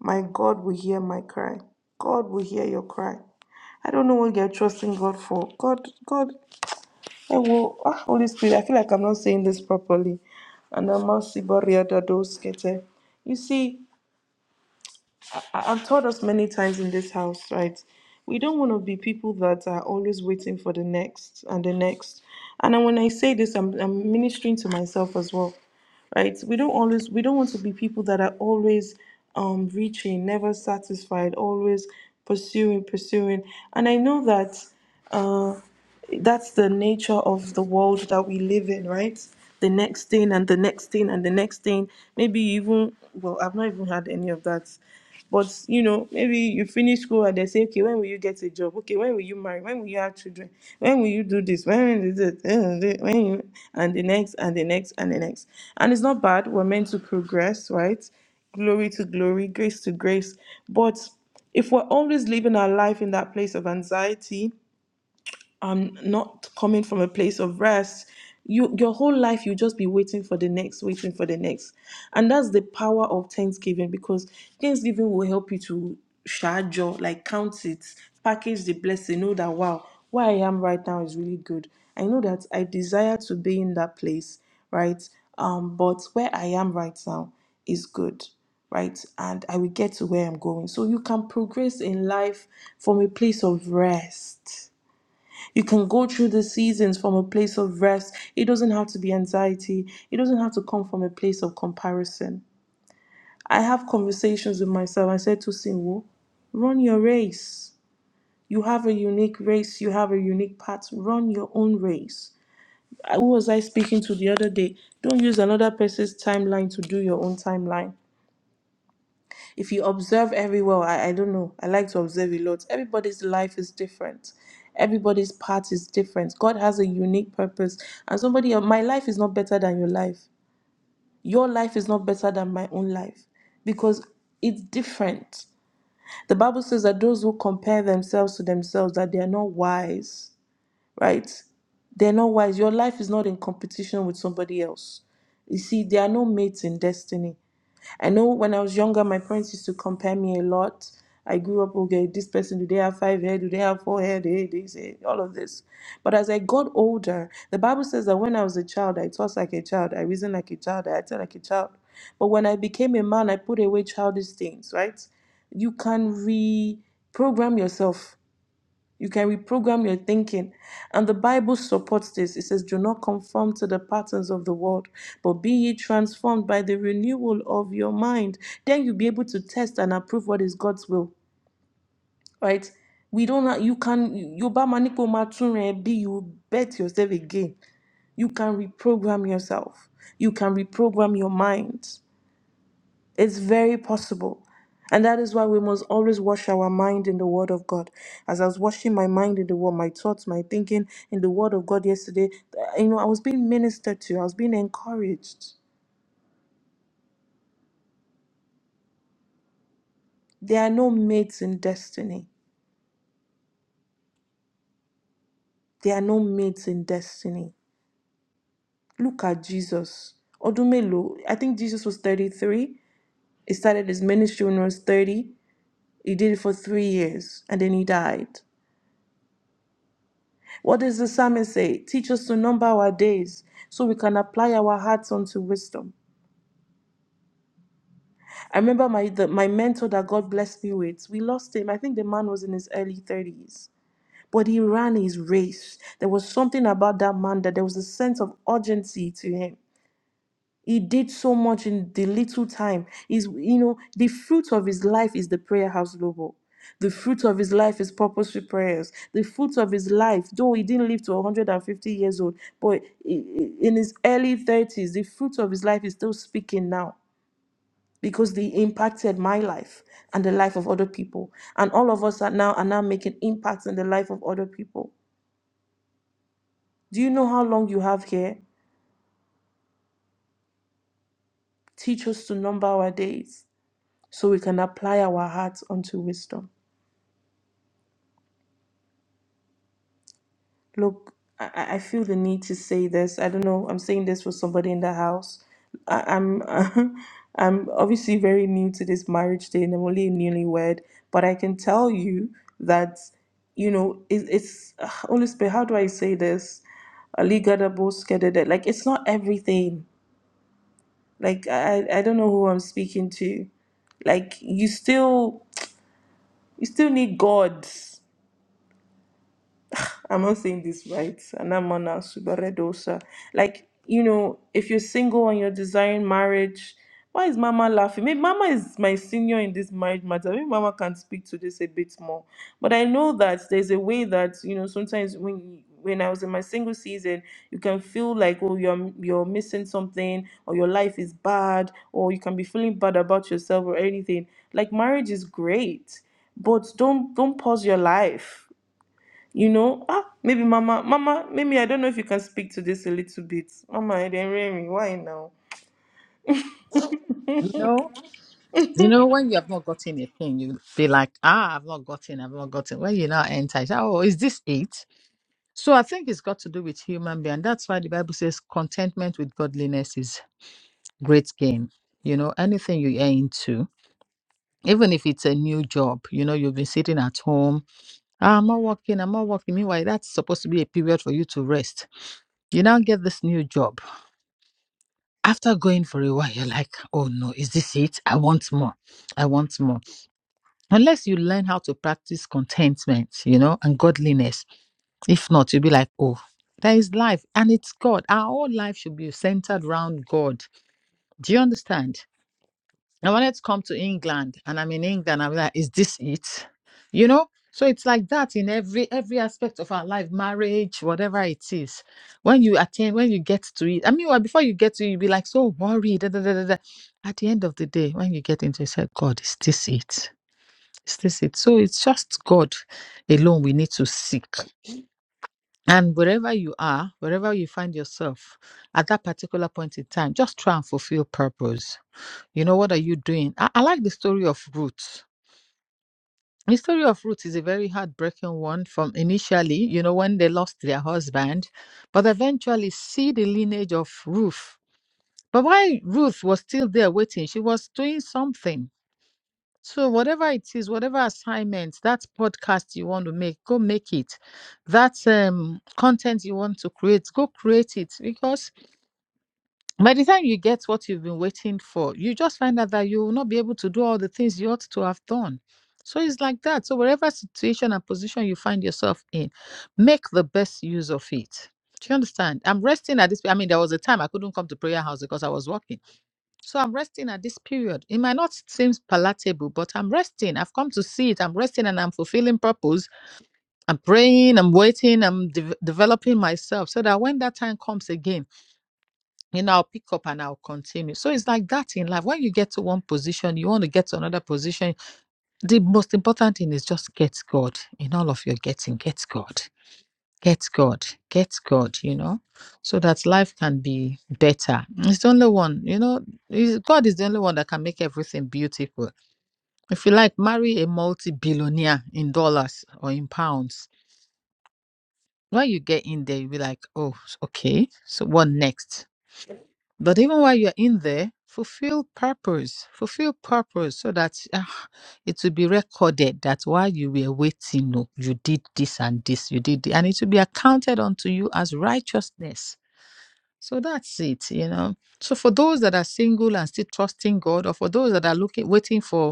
My God will hear my cry. God will hear your cry. I don't know what you're trusting God for. God, God, I will. Ah, Holy Spirit, I feel like I'm not saying this properly. Anamasi bariada doskete. You see, I- I've told us many times in this house, right? We don't want to be people that are always waiting for the next and the next. And then when I say this, I'm, I'm ministering to myself as well, right? We don't always, we don't want to be people that are always um, reaching, never satisfied, always pursuing, pursuing. And I know that uh, that's the nature of the world that we live in, right? The next thing and the next thing and the next thing. Maybe you even well, I've not even had any of that. But you know, maybe you finish school and they say, okay, when will you get a job? Okay, when will you marry? When will you have children? When will you do this? When is it? Uh, When you, and the next and the next and the next. And it's not bad. We're meant to progress, right? Glory to glory, grace to grace. But if we're always living our life in that place of anxiety, um not coming from a place of rest you your whole life you just be waiting for the next waiting for the next and that's the power of thanksgiving because thanksgiving will help you to charge your like count it package the blessing know that wow where i am right now is really good i know that i desire to be in that place right um but where i am right now is good right and i will get to where i'm going so you can progress in life from a place of rest you can go through the seasons from a place of rest. It doesn't have to be anxiety. It doesn't have to come from a place of comparison. I have conversations with myself. I said to Sinwo, run your race. You have a unique race. You have a unique path. Run your own race. Who was I speaking to the other day? Don't use another person's timeline to do your own timeline. if you observe everywhere I, I don't know i like to observe a lot everybody's life is different everybody's path is different god has a unique purpose and somebody else- my life is not better than your life your life is not better than my own life because it's different the bible says that those who compare themselves to themselves that they are not wise right they're not wise your life is not in competition with somebody else you see, there are no mates in destiny. I know when I was younger, my parents used to compare me a lot. I grew up, okay, this person, do they have five hair? Do they have four hair? They, they say all of this. But as I got older, the Bible says that when I was a child, I thought like a child, I reasoned like a child, I acted like a child. But when I became a man, I put away childish things, right? You can reprogram yourself you can reprogram your thinking. And the Bible supports this. It says, Do not conform to the patterns of the world, but be ye transformed by the renewal of your mind. Then you'll be able to test and approve what is God's will. Right? We don't ha- you can you ba maniko matunre be you bet yourself again. You can reprogram yourself. You can reprogram your mind. It's very possible. And that is why we must always wash our mind in the Word of God. As I was washing my mind in the Word, my thoughts, my thinking in the Word of God yesterday, uh, you know, I was being ministered to, I was being encouraged. There are no mates in destiny. There are no mates in destiny. Look at Jesus. Odumelo, I think Jesus was 33. He started his ministry when he was 30. He did it for three years and then he died. What does the psalmist say? Teach us to number our days so we can apply our hearts unto wisdom. I remember my the, my mentor that God blessed me with. We lost him. I think the man was in his early 30s. But he ran his race. There was something about that man that there was a sense of urgency to him. He did so much in the little time. Is you know the fruit of his life is the prayer house global. The fruit of his life is purposeful prayers. The fruit of his life, though he didn't live to 150 years old, but i- i- in his early 30s, the fruit of his life is still speaking now because they impacted my life and the life of other people. And all of us are now are now making impacts in the life of other people. Do you know how long you have here? Teach us to number our days. so we can apply our hearts unto wisdom. Look, I, I I feel the need to say this. I don't know. I'm saying this for somebody in the house. I, I'm I'm obviously very new to this marriage thing. I'm only a newlywed, but I can tell you that you know it, it's ugh, Holy Spirit. How do I say this? Ali Gadabos Kedede. Like it's not everything. Like I I I don't know who I'm speaking to. Like you still you still need God I'm not saying this right. Anamana subaredosa. Like, you know, if you're single and you're desiring marriage, why is mama laughing? Maybe mama is my senior in this marriage matter. Maybe mama can speak to this a bit more. But I know that there's a way that, you know, sometimes when when I was in my single season, you can feel like, oh, you're you're missing something, or your life is bad, or you can be feeling bad about yourself or anything. Like marriage is great, but don't don't pause your life you know, ah, maybe Mama, Mama, maybe I don't know if you can speak to this a little bit. Mama, I didn't hear me. Why now?
You know, you know, when you have not gotten a thing, you be like, ah, I've not gotten, I've not gotten. When you now enter, you say, oh, is this it? So I think it's got to do with human being. And That's why the Bible says contentment with godliness is. great game. You know, anything you are into, even if it's a new job, you know, you've been sitting at home, "Ah, I'm not working, I'm not working. Meanwhile, that's supposed to be a period for you to rest. You now get this new job. After going for a while, you're like, oh no, is this it? I want more. I want more. Unless you learn how to practice contentment, you know, and godliness. If not, you'll be like, oh, there is life and it's God. Our whole life should be centered around God. Do you understand? I wanted to come to England and I'm in England. I'm like, is this it? You know? So it's like that in every every aspect of our life, marriage, whatever it is. When you attain, when you get to it, I mean, well, before you get to it, you'll be like so worried. Da, da, da, da, da. At the end of the day, when you get into it, you say, God, is this it? Is this it? So it's just God alone we need to seek. And wherever you are, wherever you find yourself at that particular point in time, just try and fulfill purpose you know, what are you doing? I, I like the story of Ruth. The story of Ruth is a very heartbreaking one from initially, you know, when they lost their husband, but eventually see the lineage of Ruth. But while Ruth was still there waiting, she was doing something. So, whatever it is, whatever assignment, that podcast you want to make, go make it. That um, content you want to create, go create it because by the time you get what you've been waiting for, you just find out that you will not be able to do all the things you ought to have done. So it's like that. So wherever situation and position you find yourself in, make the best use of it. Do you understand? I'm resting at this. I mean, there was a time I couldn't come to prayer house because I was working. So I'm resting at this period. It might not seem palatable, but I'm resting. I've come to see it. I'm resting and I'm fulfilling purpose. I'm praying. I'm waiting. I'm de- developing myself so that when that time comes again, you know, I'll pick up and I'll continue. So it's like that in life. When you get to one position, you want to get to another position. The most important thing is just get God in all of your getting. Get God. Get God. Get God, you know, so that life can be better. It's the only one, you know, God is the only one that can make everything beautiful. If you like, marry a multi billionaire in dollars or in pounds. When you get in there, you'll be like, oh, okay, so what next? But even while you're in there, fulfill purpose, fulfill purpose so that ah, it will be recorded that while you were waiting, no, you did this and this, you did, thi- and it will be accounted unto you as righteousness. So that's it, you know. So for those that are single and still trusting God, or for those that are looking, waiting for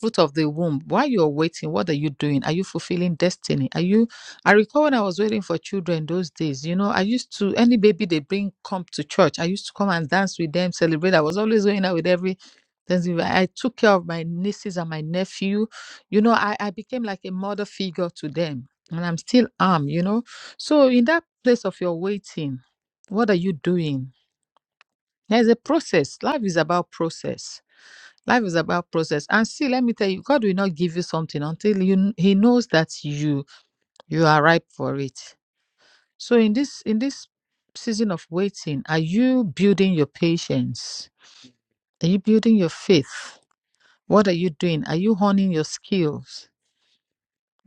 fruit of the womb. While you're waiting, what are you doing? Are you fulfilling destiny? Are you? I recall when I was waiting for children those days, you know, I used to, any baby they bring come to church, I used to come and dance with them, celebrate. I was always going out with every. Thanksgiving. I took care of my nieces and my nephew. You know, I, I became like a mother figure to them, and I'm still am, you know. So, in that place of your waiting, what are you doing? There's a process. Life is about process Life is about process. And see, let me tell you, God will not give you something until you He knows that you you are ripe for it. So in this in this season of waiting, are you building your patience? Are you building your faith? What are you doing? Are you honing your skills?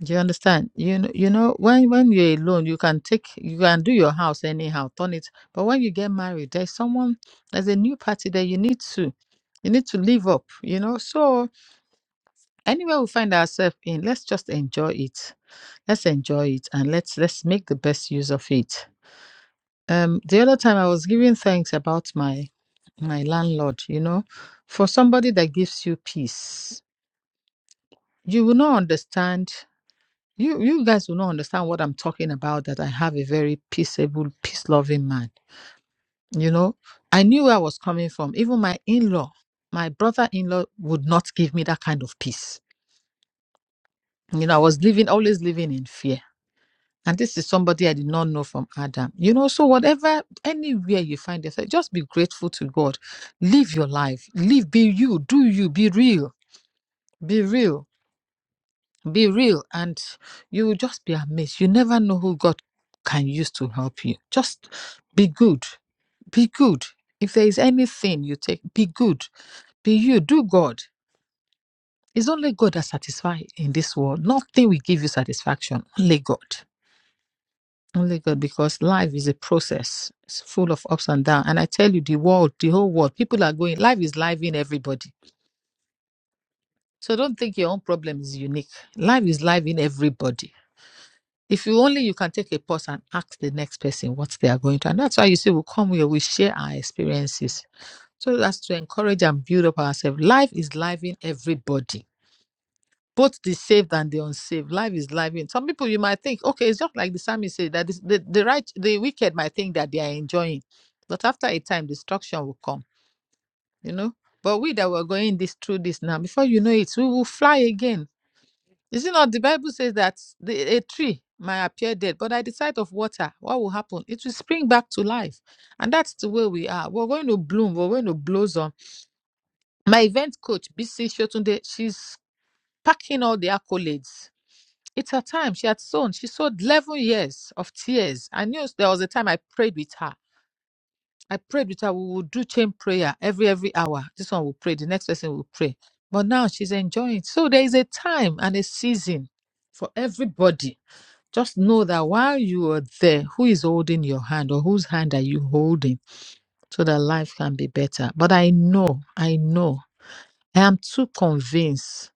Do you understand? You know, you know, when when you're alone, you can take you can do your house anyhow, turn it. But when you get married, there's someone, there's a new party that you need to you need to live up, you know. So anywhere we find ourselves in let's just enjoy it let's enjoy it and let's let's make the best use of it um the other time i was giving thanks about my my landlord you know for somebody that gives you peace you will not understand you you guys will not understand what i'm talking about that i have a very peaceable peace loving man you know i knew where i was coming from even my in-law my brother-in-law would not give me that kind of peace you know i was living always living in fear And this is somebody I did not know from Adam. You know, so whatever, anywhere you find yourself, just be grateful to God. Live your life. Live, be you, do you, be real, be real, be real. And you will just be amazed. You never know who God can use to help you. Just be good, be good. If there is anything you take, be good, be you, do God. It's only God that satisfies in this world. Nothing will give you satisfaction, only God. Only God, because life is a process. It's full of ups and downs. And I tell you, the world, the whole world, people are going, life is life in everybody. So don't think your own problem is unique. Life is life in everybody. If you only you can take a pause and ask the next person what they are going to. And that's why you see, we come here, we share our experiences. So that's to encourage and build up ourselves. Life is life in everybody. both the saved and the unsaved. Life is life. Some people you might think, okay, it's just like the psalmist said that this, the the right, the wicked might think that they are enjoying, but after a time, destruction will come. You know. But we that were going this through this now, before you know it, we will fly again. Is it not? The Bible says that the, a tree might appear dead, but at the sight of water, what will happen? It will spring back to life, and that's the way we are. We're going to bloom. We're going to blossom. My event coach, BC Shotunde, she's packing all the accolades It's her time. She had sown. She sowed 11 years of tears. I knew there was a time I prayed with her. I prayed with her. We would do chain prayer every, every hour. This one will pray. The next person will pray. But now she's enjoying. So there is a time and a season for everybody. Just know that while you are there, who is holding your hand or whose hand are you holding so that life can be better? But I know, I know, I am too convinced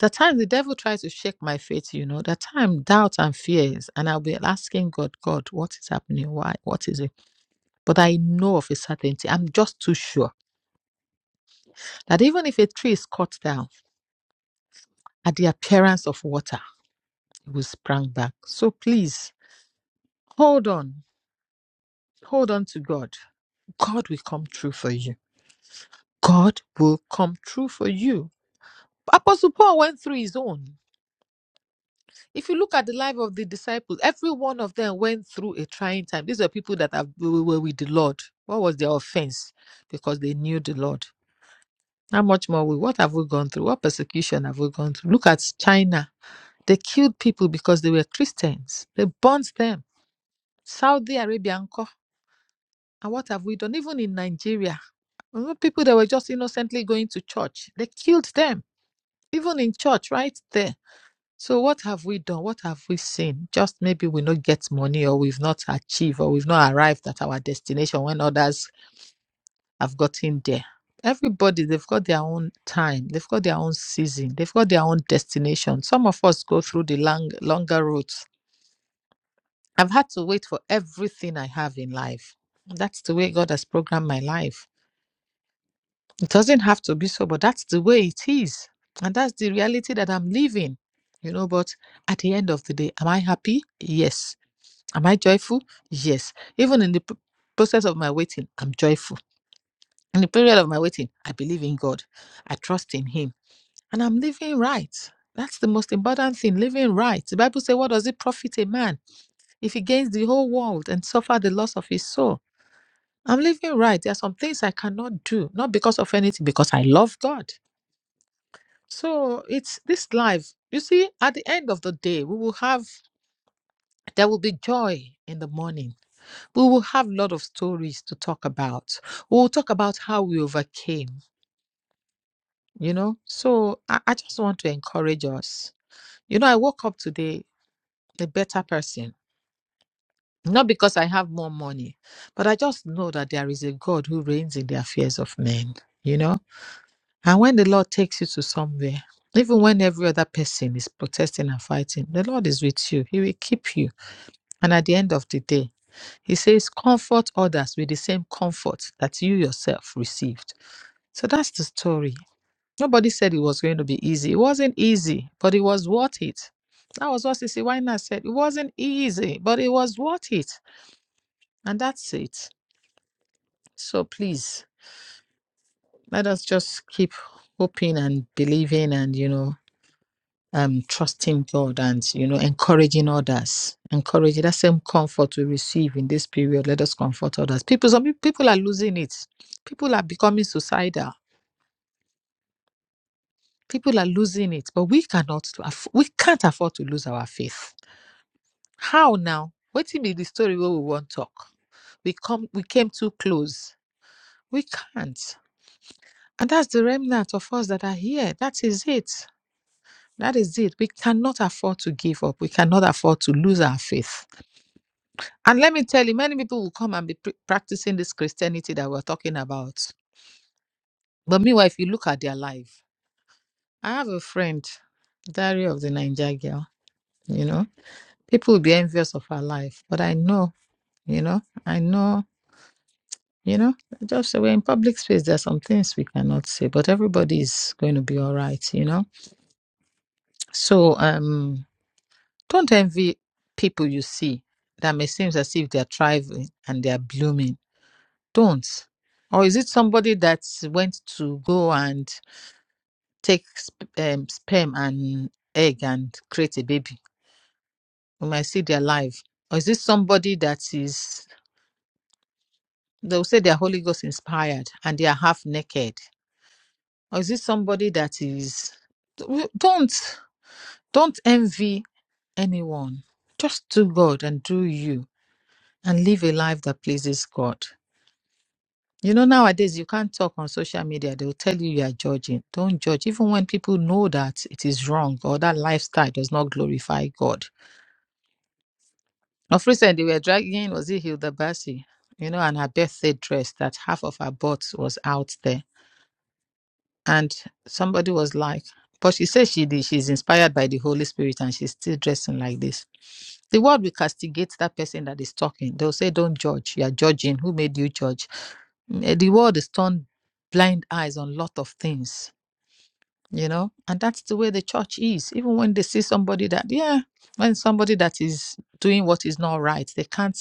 the time the devil tries to shake my faith, you know, the time doubt and fears, and I'll be asking God, God, what is happening? Why? What is it? But I know of a certainty. I'm just too sure that even if a tree is cut down at the appearance of water, it will sprang back. So please hold on. Hold on to God. God will come true for you. God will come true for you. Apostle Paul went through his own. If you look at the life of the disciples, every one of them went through a trying time. These were people that have, were with the Lord. What was their offense? Because they knew the Lord. How much more we? What have we gone through? What persecution have we gone through? Look at China. They killed people because they were Christians. They burnt them. Saudi Arabia, uncle. And what have we done? Even in Nigeria, people that were just innocently going to church, they killed them. Even in church, right there. So what have we done? What have we seen? Just maybe we not get money or we've not achieved or we've not arrived at our destination when others have gotten there. Everybody, they've got their own time, they've got their own season, they've got their own destination. Some of us go through the long, longer routes. I've had to wait for everything I have in life. That's the way God has programmed my life. It doesn't have to be so, but that's the way it is. And that's the reality that I'm living. You know, but at the end of the day, am I happy? Yes. Am I joyful? Yes. Even in the p- process of my waiting, I'm joyful. In the period of my waiting, I believe in God. I trust in Him. And I'm living right. That's the most important thing, living right. The Bible says, What does it profit a man if he gains the whole world and suffer the loss of his soul? I'm living right. There are some things I cannot do, not because of anything, because I love God. So it's this life. You see, at the end of the day, we will have, there will be joy in the morning we will have a lot of stories to talk about. We'll talk about how we overcame, you know. So I, I just want to encourage us. You know, I woke up today a better person, not because I have more money, but I just know that there is a God who reigns in the affairs of men, you know. And when the Lord takes you to somewhere, even when every other person is protesting and fighting, the Lord is with you. He will keep you. And at the end of the day, He says, Comfort others with the same comfort that you yourself received. So that's the story. Nobody said it was going to be easy. It wasn't easy, but it was worth it. That was what Sissy Winer said. It wasn't easy, but it was worth it. And that's it. So please, let us just keep hoping and believing and, you know, um, trusting God and, you know, encouraging others. Encouraging that same comfort we receive in this period. Let us comfort others. People, some people are losing it. People are becoming suicidal People are losing it, but we cannot aff- we can't afford to lose our faith. How now? What be the story where we won't talk? We come we came too close. We can't. And that's the remnant of us that are here. That is it. That is it. We cannot afford to give up. We cannot afford to lose our faith. And let me tell you, many people will come and be pr- practicing this Christianity that we're talking about. But meanwhile, if you look at their life, I have a friend, Diary of the Niger Girl, you know. People will be envious of our life. But I know, you know, I know, you know, just we're in public space. There are some things we cannot say, but everybody is going to be all right, you know. So um don't envy people you see that may seem as if they're thriving and they're blooming. Don't. Or is it somebody that went to go and take sp- um, sperm and egg and create a baby? We might see their life. Or is it somebody that is They'll say they're Holy Ghost inspired and they are half naked. Or is it somebody that is. Don't, don't envy anyone. Just do God and do you and live a life that pleases God. You know, nowadays you can't talk on social media. They'll tell you you are judging. Don't judge. Even when people know that it is wrong or that lifestyle does not glorify God. Of recent, they were dragging, was it Hilda Basi? You know, and her birthday dress that half of her butt was out there and somebody was like but she says she did, she's inspired by the holy spirit and she's still dressing like this the word will castigate that person that is talking they'll say don't judge you're judging who made you judge Mm, Eh, the world is turned blind eyes on lot of things you know and that's the way the church is even when they see somebody that yeah when somebody that is doing what is not right they can't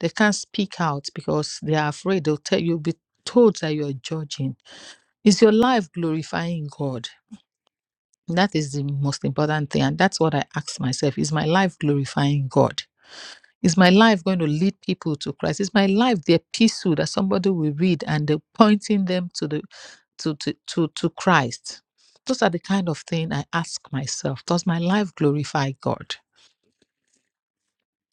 they can't speak out because they are afraid they'll tell you be told that you're judging is your life glorifying god that is the most important thing. And that's what I ask myself Is my life glorifying God? Is my life going to lead people to Christ? Is my life the epistle that somebody will read and they're pointing them to the to, to, to, to Christ? Those are the kind of thing I ask myself. Does my life glorify God?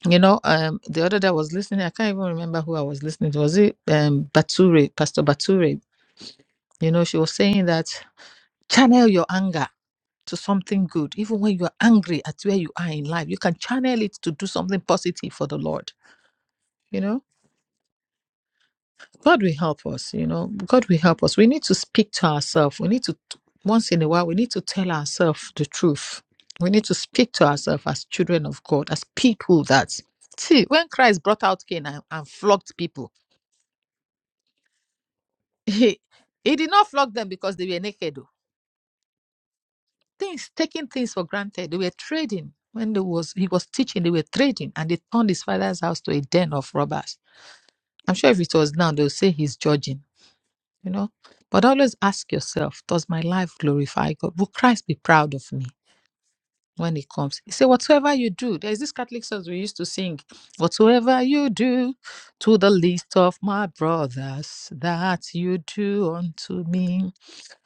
You know, um, the other day I was listening, I can't even remember who I was listening to. Was it um Bature, Pastor Bature? You know, she was saying that channel your anger to something good. Even when you are angry at where you are in life, you can channel it to do something positive for the Lord. You know, God will help us. You know, God will help us. We need to speak to ourselves. We need to, once in a while, we need to tell ourselves the truth. We need to speak to ourselves as children of God, as people that see when Christ brought out Cain and, and flogged people, he, he did not flog them because they were naked. things, taking things for granted. They were trading. When there was he was teaching, they were trading and they turned his father's house to a den of robbers. I'm sure if it was now, they'll say he's judging, you know. But always ask yourself, does my life glorify God? Will Christ be proud of me when he comes? He said, Whatsoever you do, there's this Catholic song we used to sing, Whatsoever you do to the least of my brothers, that you do unto me.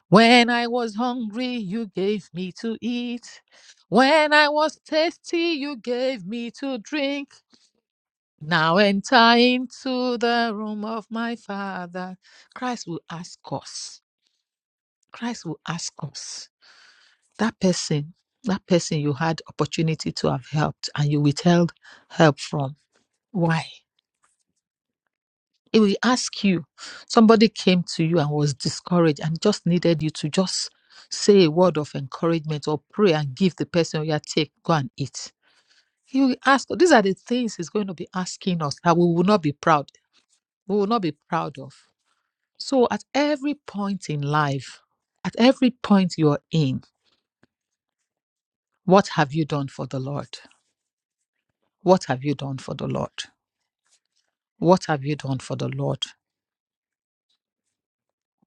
When I was hungry, you gave me to eat. When I was thirsty, you gave me to drink. Now enter into the room of my father. Christ will ask us. Christ will ask us. That person, that person you had opportunity to have helped and you withheld help from. Why? It will ask you. Somebody came to you and was discouraged and just needed you to just say a word of encouragement or pray and give the person your take, go and eat. He will ask, these are the things he's going to be asking us that we will not be proud, we will not be proud of. So at every point in life, at every point you're in, what have you done for the Lord? What have you done for the Lord? What have you done for the Lord?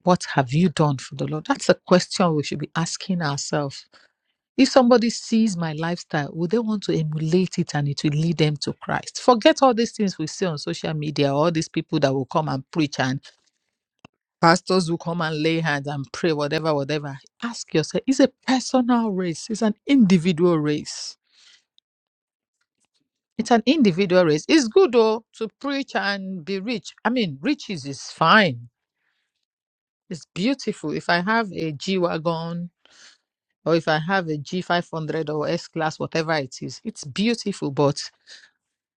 What have you done for the Lord? That's a question we should be asking ourselves If somebody sees my lifestyle, would they want to emulate it and it will lead them to Christ? Forget all these things we see on social media, all these people that will come and preach and pastors who come and lay hands and pray, whatever, whatever. Ask yourself, it's a personal race, it's an individual race. It's an individual race. It's good though to preach and be rich. I mean, riches is fine. It's beautiful. If I have a G Wagon or if I have a G500 or S Class, whatever it is, it's beautiful. But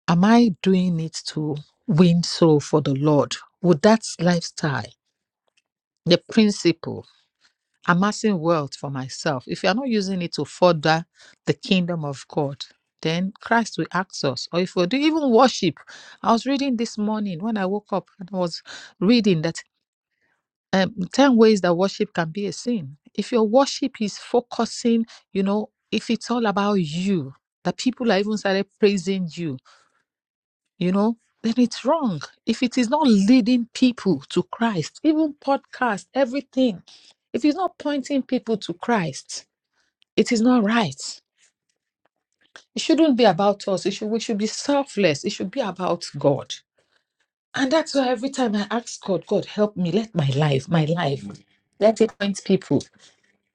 am I doing it to win soul for the Lord? Would that lifestyle, the principle, amassing wealth for myself, if you're not using it to further the kingdom of God, then Christ will ask us. Or if we do even worship, I was reading this morning when I woke up and I was reading that um, 10 ways that worship can be a sin. If your worship is focusing, you know, if it's all about you, that people are even started praising you you know, then it's wrong. If it is not leading people to Christ, even podcast, everything, if it's not pointing people to Christ, it is not right. It shouldn't be about us. It should we should be selfless. It should be about God. And that's why every time I ask God, God help me, let my life, my life, let it point people,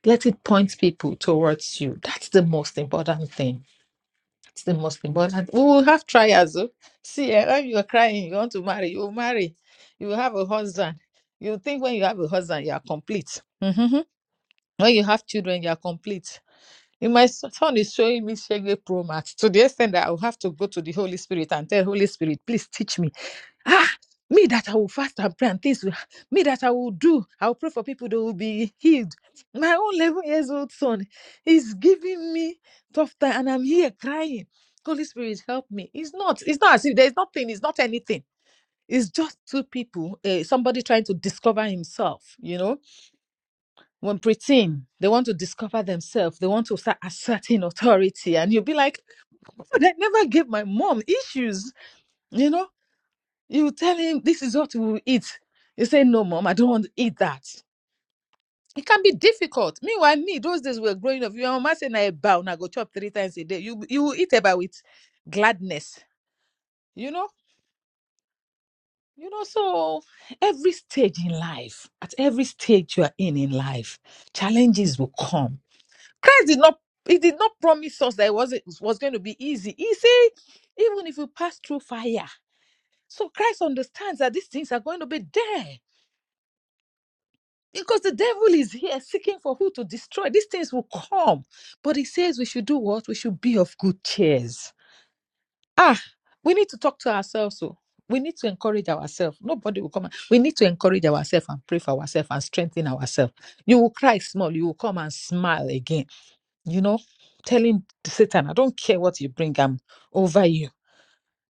let it point people towards you. That's the most important thing It's the most important. We will have trials. oh. See, eh, when you're crying, you want to marry, you will marry. You will have a husband. You think when you have a husband, you are complete. Mhm. When you have children, you are complete. And my son is showing me Shege Pro Max to the extent that I will have to go to the Holy Spirit and tell Holy Spirit, please teach me. Ah, me that I will fast and pray and things. will- Me that I will do. I will pray for people that will be healed. My own 11 years old son is giving me tough time and I'm here crying. Holy Spirit, help me. It's not. It's not as if there's nothing. It's not anything. It's just two people, uh, somebody trying to discover himself, you know when preteen, they want to discover themselves, they want to start asserting authority, and you'll be like, "God, I never gave my mom issues. You know, you tell him this is what we will eat. You say, No, mom, I don't want to eat that. It can be difficult. Meanwhile, me, those days we were growing up, your mama say na eba, una go chop three times a day. You you will eat eba with gladness, you know? You know, so every stage in life, at every stage you are in in life, challenges will come Christ did not he did not promise us that it wasn't was going to be easy. He said, even if we pass through fire. So Christ understands that these things are going to be there. Because the devil is here seeking for who to destroy. These things will come. But he says we should do what? We should be of good cheers. Ah, we need to talk to ourselves. So we need to encourage ourselves. Nobody will come. and- We need to encourage ourselves and pray for ourselves and strengthen ourselves. You will cry small. You will come and smile again you know, telling Satan, I don't care what you bring, I'm over you.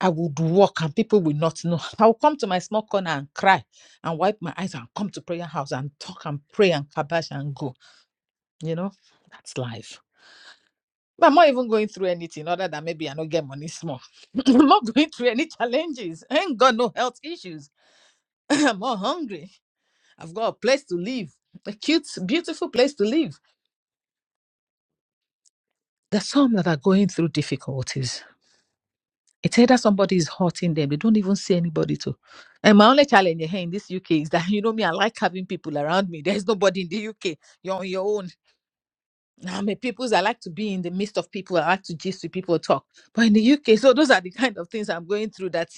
I would walk and people will not know. I'll come to my small corner and cry and wipe my eyes and come to prayer house and talk and pray and kabash and go. You know, that's life. But I'm not even going through anything other than maybe I don't get money small. I'm not going through any challenges. I ain't got no health issues. I'm not hungry. I've got a place to live, a cute, beautiful place to live. There's some that are going through difficulties It's either somebody is hurting them. They don't even see anybody to. And my only challenge here in this UK is that you know me, I like having people around me. There's nobody in the UK. You're on your own. I'm a people's. I like to be in the midst of people. I like to gist with people, talk. But in the UK, so those are the kind of things I'm going through. That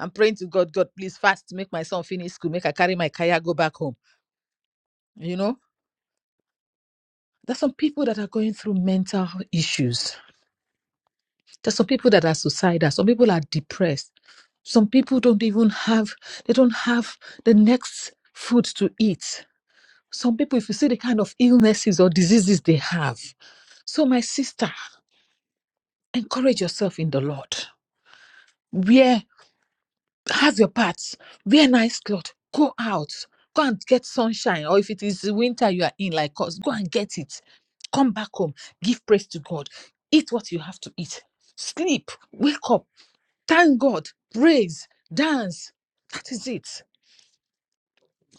I'm praying to God. God, please fast. Make my son finish school. Make I carry my kaya go back home. You know, there's some people that are going through mental issues There's some people that are suicidal. Some people are depressed. Some people don't even have, they don't have the next food to eat. Some people, if you see the kind of illnesses or diseases they have. So, my sister, encourage yourself in the Lord. Wear, have your parts, wear nice clothes, go out, go and get sunshine. Or if it is winter you are in, like us, go and get it. Come back home, give praise to God, eat what you have to eat, sleep, wake up Thank God, praise, dance. That is it.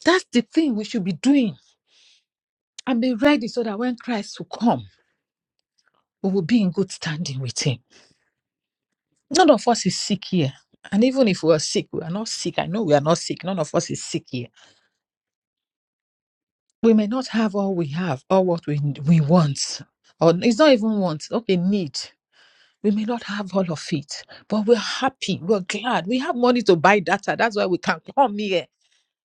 That's the thing we should be doing and be ready so that when Christ will come, we will be in good standing with Him. None of us is sick here. And even if we are sick, we are not sick. I know we are not sick. None of us is sick here. We may not have all we have or what we, we want. Or it's not even want, okay, need. We may not have all of it, but we're happy. We're glad. We have money to buy data. That's why we can come here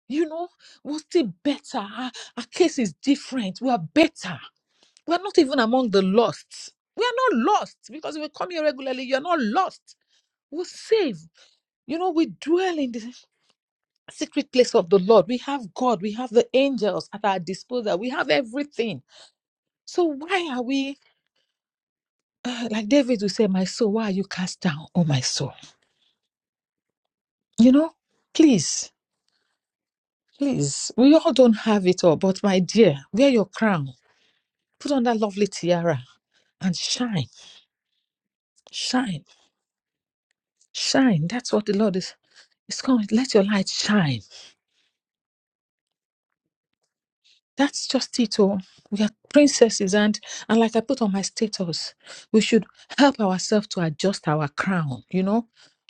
you know, we're still better. Our, our case is different. We are better. We are not even among the lost. We are not lost because we come here regularly. You're not lost. We're saved. You know, we dwell in the secret place of the Lord. We have God. We have the angels at our disposal. We have everything. So why are we, uh, like David would say, my soul, why are you cast down, oh my soul? You know, please, please, we all don't have it all. But my dear, wear your crown Put on that lovely tiara and shine, shine, shine. That's what the Lord is. It's coming. Let your light shine. That's just it. Oh, we are princesses, and and like I put on my status, we should help ourselves to adjust our crown. You know,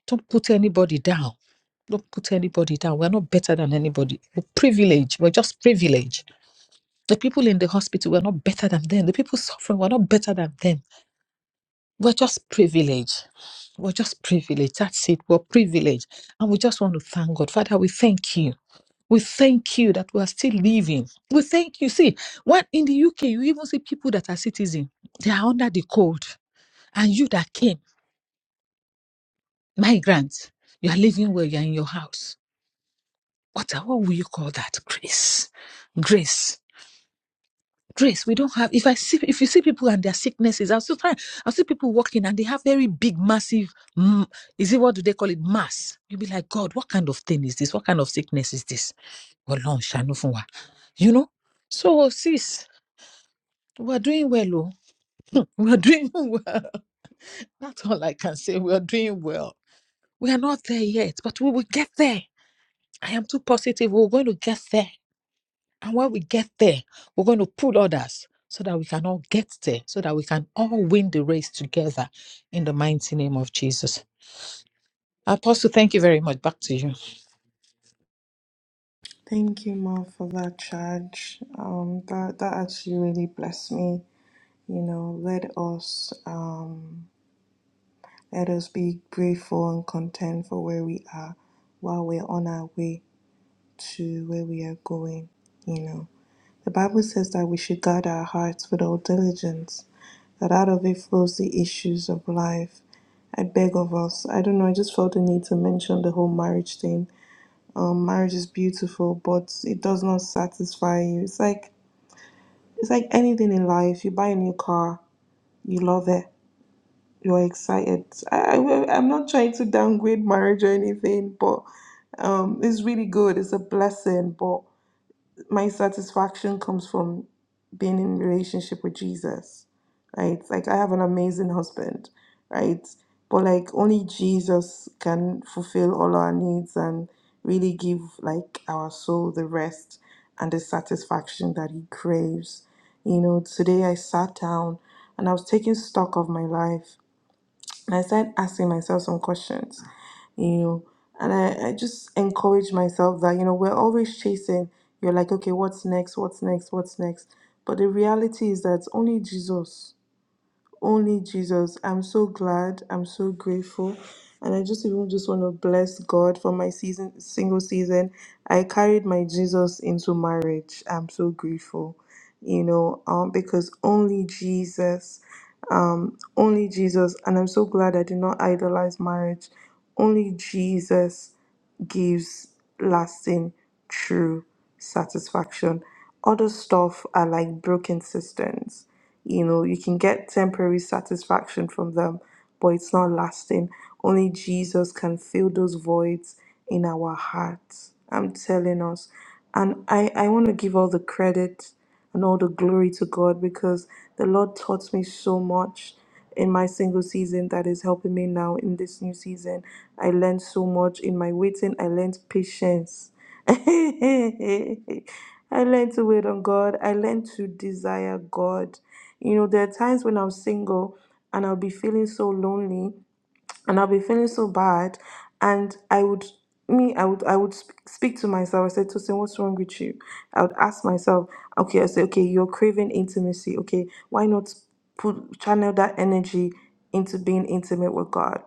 don't put anybody down. Don't put anybody down. We're not better than anybody. We're privileged. We're just privileged. The people in the hospital, we're not better than them. The people suffering, we're not better than them. We're just privileged. We're just privileged. That's it. We're privileged. And we just want to thank God. Father, we thank you. We thank you that we are still living. We thank you. See, when in the UK, you even see people that are citizens, they are under the code. And you that came, migrants, you are living where you are in your house. What, what will you call that? Grace. Grace. Grace, we don't have. If I see, if you see people and their sicknesses, I'll still try. I'll see people walking and they have very big, massive. mm, is it what do they call it? Mass. You'll be like, God, what kind of thing is this? What kind of sickness is this? Ọlọ́run ṣàánú fún wa. You know. So, sis, we're doing well, oh. We're doing well. That's all I can say. We're doing well. We are not there yet, but we will get there. I am too positive. We're going to get there. And when we get there, we're going to pull others so that we can all get there, so that we can all win the race together in the mighty name of Jesus. Apostle, thank you very much. Back to you.
Thank you, Ma, for that charge. Um, that that actually really blessed me. You know, let us um let us be grateful and content for where we are while we're on our way. to where we are going, you know. The Bible says that we should guard our hearts with all diligence, that out of it flows the issues of life. I beg of us. I don't know. I just felt the need to mention the whole marriage thing. Um, marriage is beautiful, but it does not satisfy you. It's like it's like anything in life. You buy a new car, you love it, you're excited. I, I I'm not trying to downgrade marriage or anything, but um, it's really good. It's a blessing, but my satisfaction comes from being in relationship with Jesus, right? Like I have an amazing husband, right? But like only Jesus can fulfill all our needs and really give like our soul the rest and the satisfaction that he craves. You know, today I sat down and I was taking stock of my life I started asking myself some questions, you know, and I, I just encouraged myself that, you know, we're always chasing. You're like, okay, what's next? What's next? What's next? But the reality is that only Jesus only Jesus. I'm so glad. I'm so grateful. And I just even just want to bless God for my season single season. I carried my Jesus into marriage. I'm so grateful. You know, um because only Jesus um only Jesus and I'm so glad I did not idolize marriage. Only Jesus gives lasting true satisfaction other stuff are like broken systems you know you can get temporary satisfaction from them but it's not lasting only jesus can fill those voids in our hearts i'm telling us and i i want to give all the credit and all the glory to god because the lord taught me so much in my single season that is helping me now in this new season. I learned so much in my waiting. I learned patience. I learned to wait on God. I learned to desire God. You know, there are times when I'm single and I'll be feeling so lonely and I'll be feeling so bad. And I would, me, I would, I would sp- speak to myself. I said, Tosin, what's wrong with you? I would ask myself, okay, I say, okay, you're craving intimacy. Okay, why not put channel that energy into being intimate with God?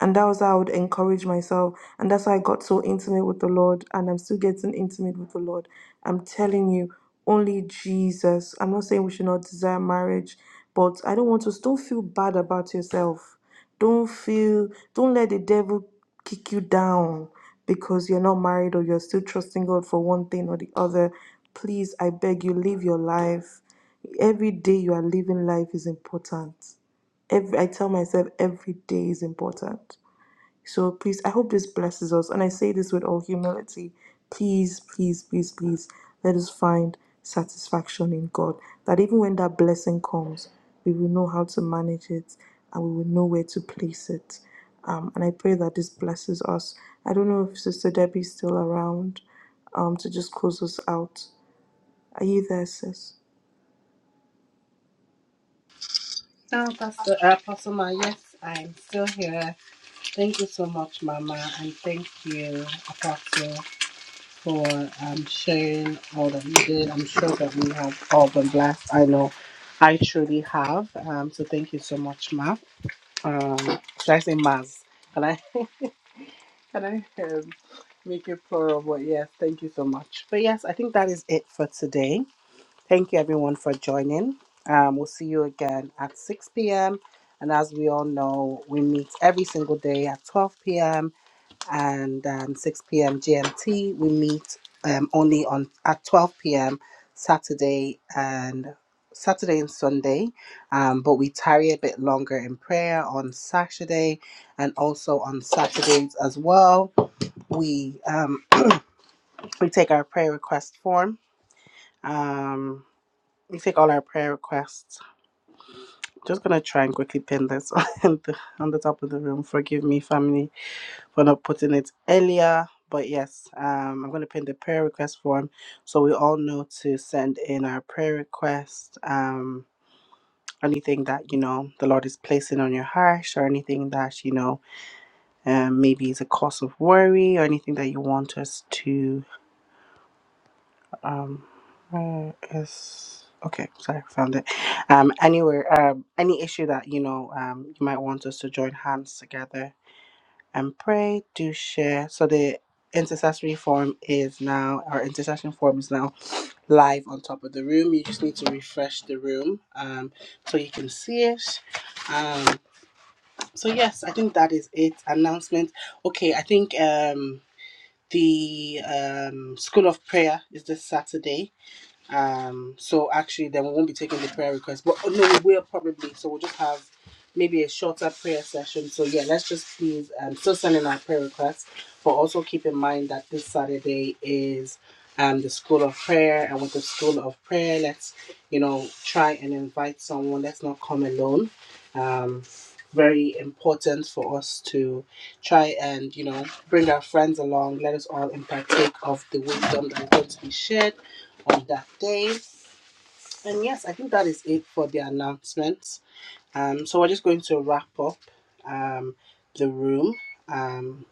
And that was how I would encourage myself. And that's how I got so intimate with the Lord. And I'm still getting intimate with the Lord. I'm telling you, only Jesus. I'm not saying we should not desire marriage, but I don't want us, don't feel bad about yourself. Don't feel, don't let the devil kick you down because you're not married or you're still trusting God for one thing or the other. Please, I beg you, live your life. Every day you are living life is important. Every, I tell myself every day is important so please, I hope this blesses us. And I say this with all humility. Please, please, please, please, let us find satisfaction in God. That even when that blessing comes, we will know how to manage it and we will know where to place it. Um, and I pray that this blesses us. I don't know if Sister Debbie's still around um, to just close us out. Are you there, sis?
Now, Pastor uh, Pastor Ma, yes, I'm still here. Thank you so much, Mama, and thank you, Apostle, for um, sharing all that you did. I'm sure that we have all been blessed. I know I truly have. Um, so thank you so much, Ma. Um, should I say Maz? Can I Can I um, make it plural? But yes, thank you so much. But yes, I think that is it for today. Thank you everyone for joining. Um, we'll see you again at 6 p.m. And as we all know, we meet every single day at 12 p.m. and um, 6 p.m. GMT. We meet um, only on at 12 p.m. Saturday and Saturday and Sunday, um, but we tarry a bit longer in prayer on Saturday and also on Saturdays as well we um, we take our prayer request form. Um, we take all our prayer requests. Just gonna try and quickly pin this on the, on the top of the room. Forgive me, family, for not putting it earlier. But yes, um, I'm gonna pin the prayer request form so we all know to send in our prayer request. Um, anything that you know the Lord is placing on your heart, or anything that you know um, maybe is a cause of worry, or anything that you want us to Um, where is okay? Sorry, found it. Um, anywhere, um, any issue that you know, um, you might want us to join hands together and pray. Do share. So the intercessory form is now, our intercession form is now live on top of the room. You just need to refresh the room, um, so you can see it. Um, so yes, I think that is it. Announcement. Okay, I think um. The um, School of Prayer is this Saturday um, so actually, then we won't be taking the prayer request, but oh, no, we will probably. So we'll just have maybe a shorter prayer session. So yeah, let's just please um, still send in our prayer requests, but also keep in mind that this Saturday is um the school of prayer, and with the school of prayer, let's you know try and invite someone. Let's not come alone. Um, very important for us to try and you know bring our friends along. Let us all partake of the wisdom that's going to be shared on that day. And yes, I think that is it for the announcements. Um, so we're just going to wrap up um, the room. Um,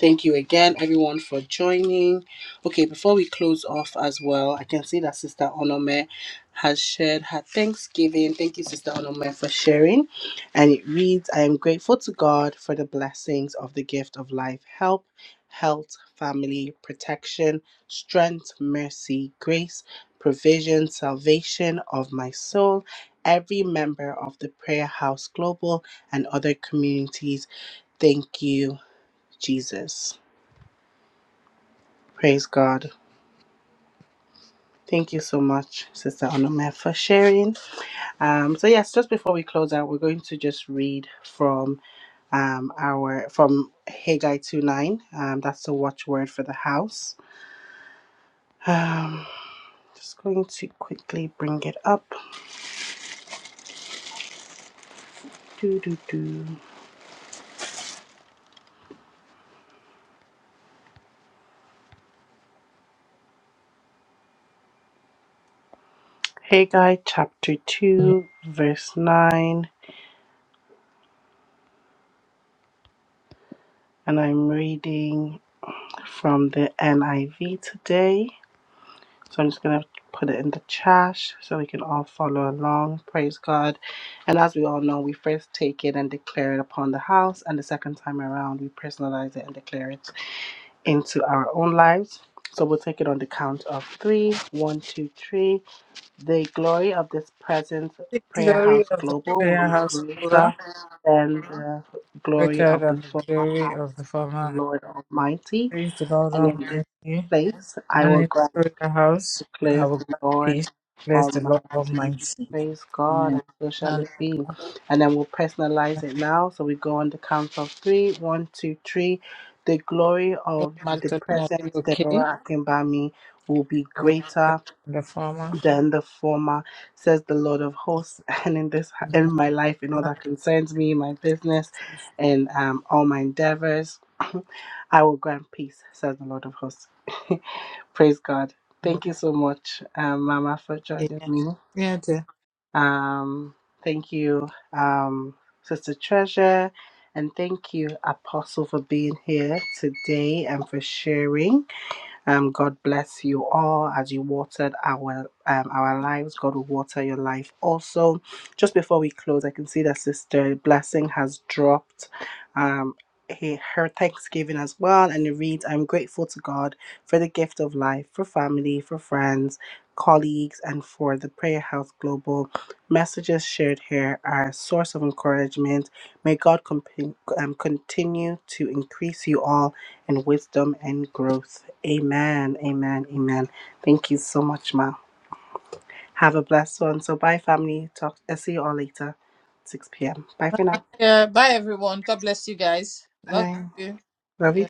Thank you again, everyone, for joining. Okay, before we close off as well, I can see that Sister Onome has shared her Thanksgiving. Thank you, Sister Onome, for sharing. And it reads I am grateful to God for the blessings of the gift of life, help, health, family, protection, strength, mercy, grace, provision, salvation of my soul. Every member of the Prayer House Global and other communities, thank you, Jesus. Praise God. Thank you so much, Sister Onome, for sharing. Um, so yes, just before we close out, we're going to just read from um, our from Haggai two nine. Um, that's the watchword for the house. Um, just going to quickly bring it up. Do do do. Haggai chapter two, verse nine, and I'm reading from the NIV today. So I'm just going to put it in the trash so we can all follow along. Praise God. And as we all know, we first take it and declare it upon the house, and the second time around, we personalize it and declare it into our own lives. So we'll take it on the count of three. One, two, three. The glory of this present
The
prayer
glory
house
of the
global will
prayer
be
house floor,
greater than the glory
greater
of the
than the
former
glory
house,
of the
the
former. house.
Lord Almighty.
Praise the Lord
And in this
Almighty.
place, I
And
will
it
grant
through the house, I
declares
will
the
grant
Lord
peace. Bless the Lord
Almighty.
Almighty.
Praise God,
Amen.
and so shall
Now,
it be. And then we'll personalize it now. So we go on the count of three. One, two, three. The glory
let
of the
Magdalena be
present
okay.
Deborah Akimbami will be
I will
greater
tell the farmer.
than the former, says the Lord of hosts, and in this
And
in
the
my life, in all
Lord
that concerns me, my business,
is
and um, all my endeavors, I will grant peace, says the Lord of hosts. Praise God.
with you.
Thank you so much, um, Mama, for joining me.
Yeah, dear.
Um, thank you, um, Sister Treasure, and thank you, Apostle, for being here today and for sharing. Um, God bless you all as you watered our um, our lives. God will water your life also. Just before we close, I can see that Sister Blessing has dropped um, he- her thanksgiving as well, and it reads, "I'm grateful to God for the gift of life, for family, for friends." Colleagues and for the Prayer House Global messages shared here are a source of encouragement. May God comp- um, continue to increase you all and wisdom and growth. Amen. Amen. Amen. Thank you so much, Ma. Have a blessed one. So bye, family. Talk. I'll see you all later, 6 p.m. Bye for now.
yeah. Bye, everyone. God bless you guys. Love
Bye.
you.
Love
Yeah.
you.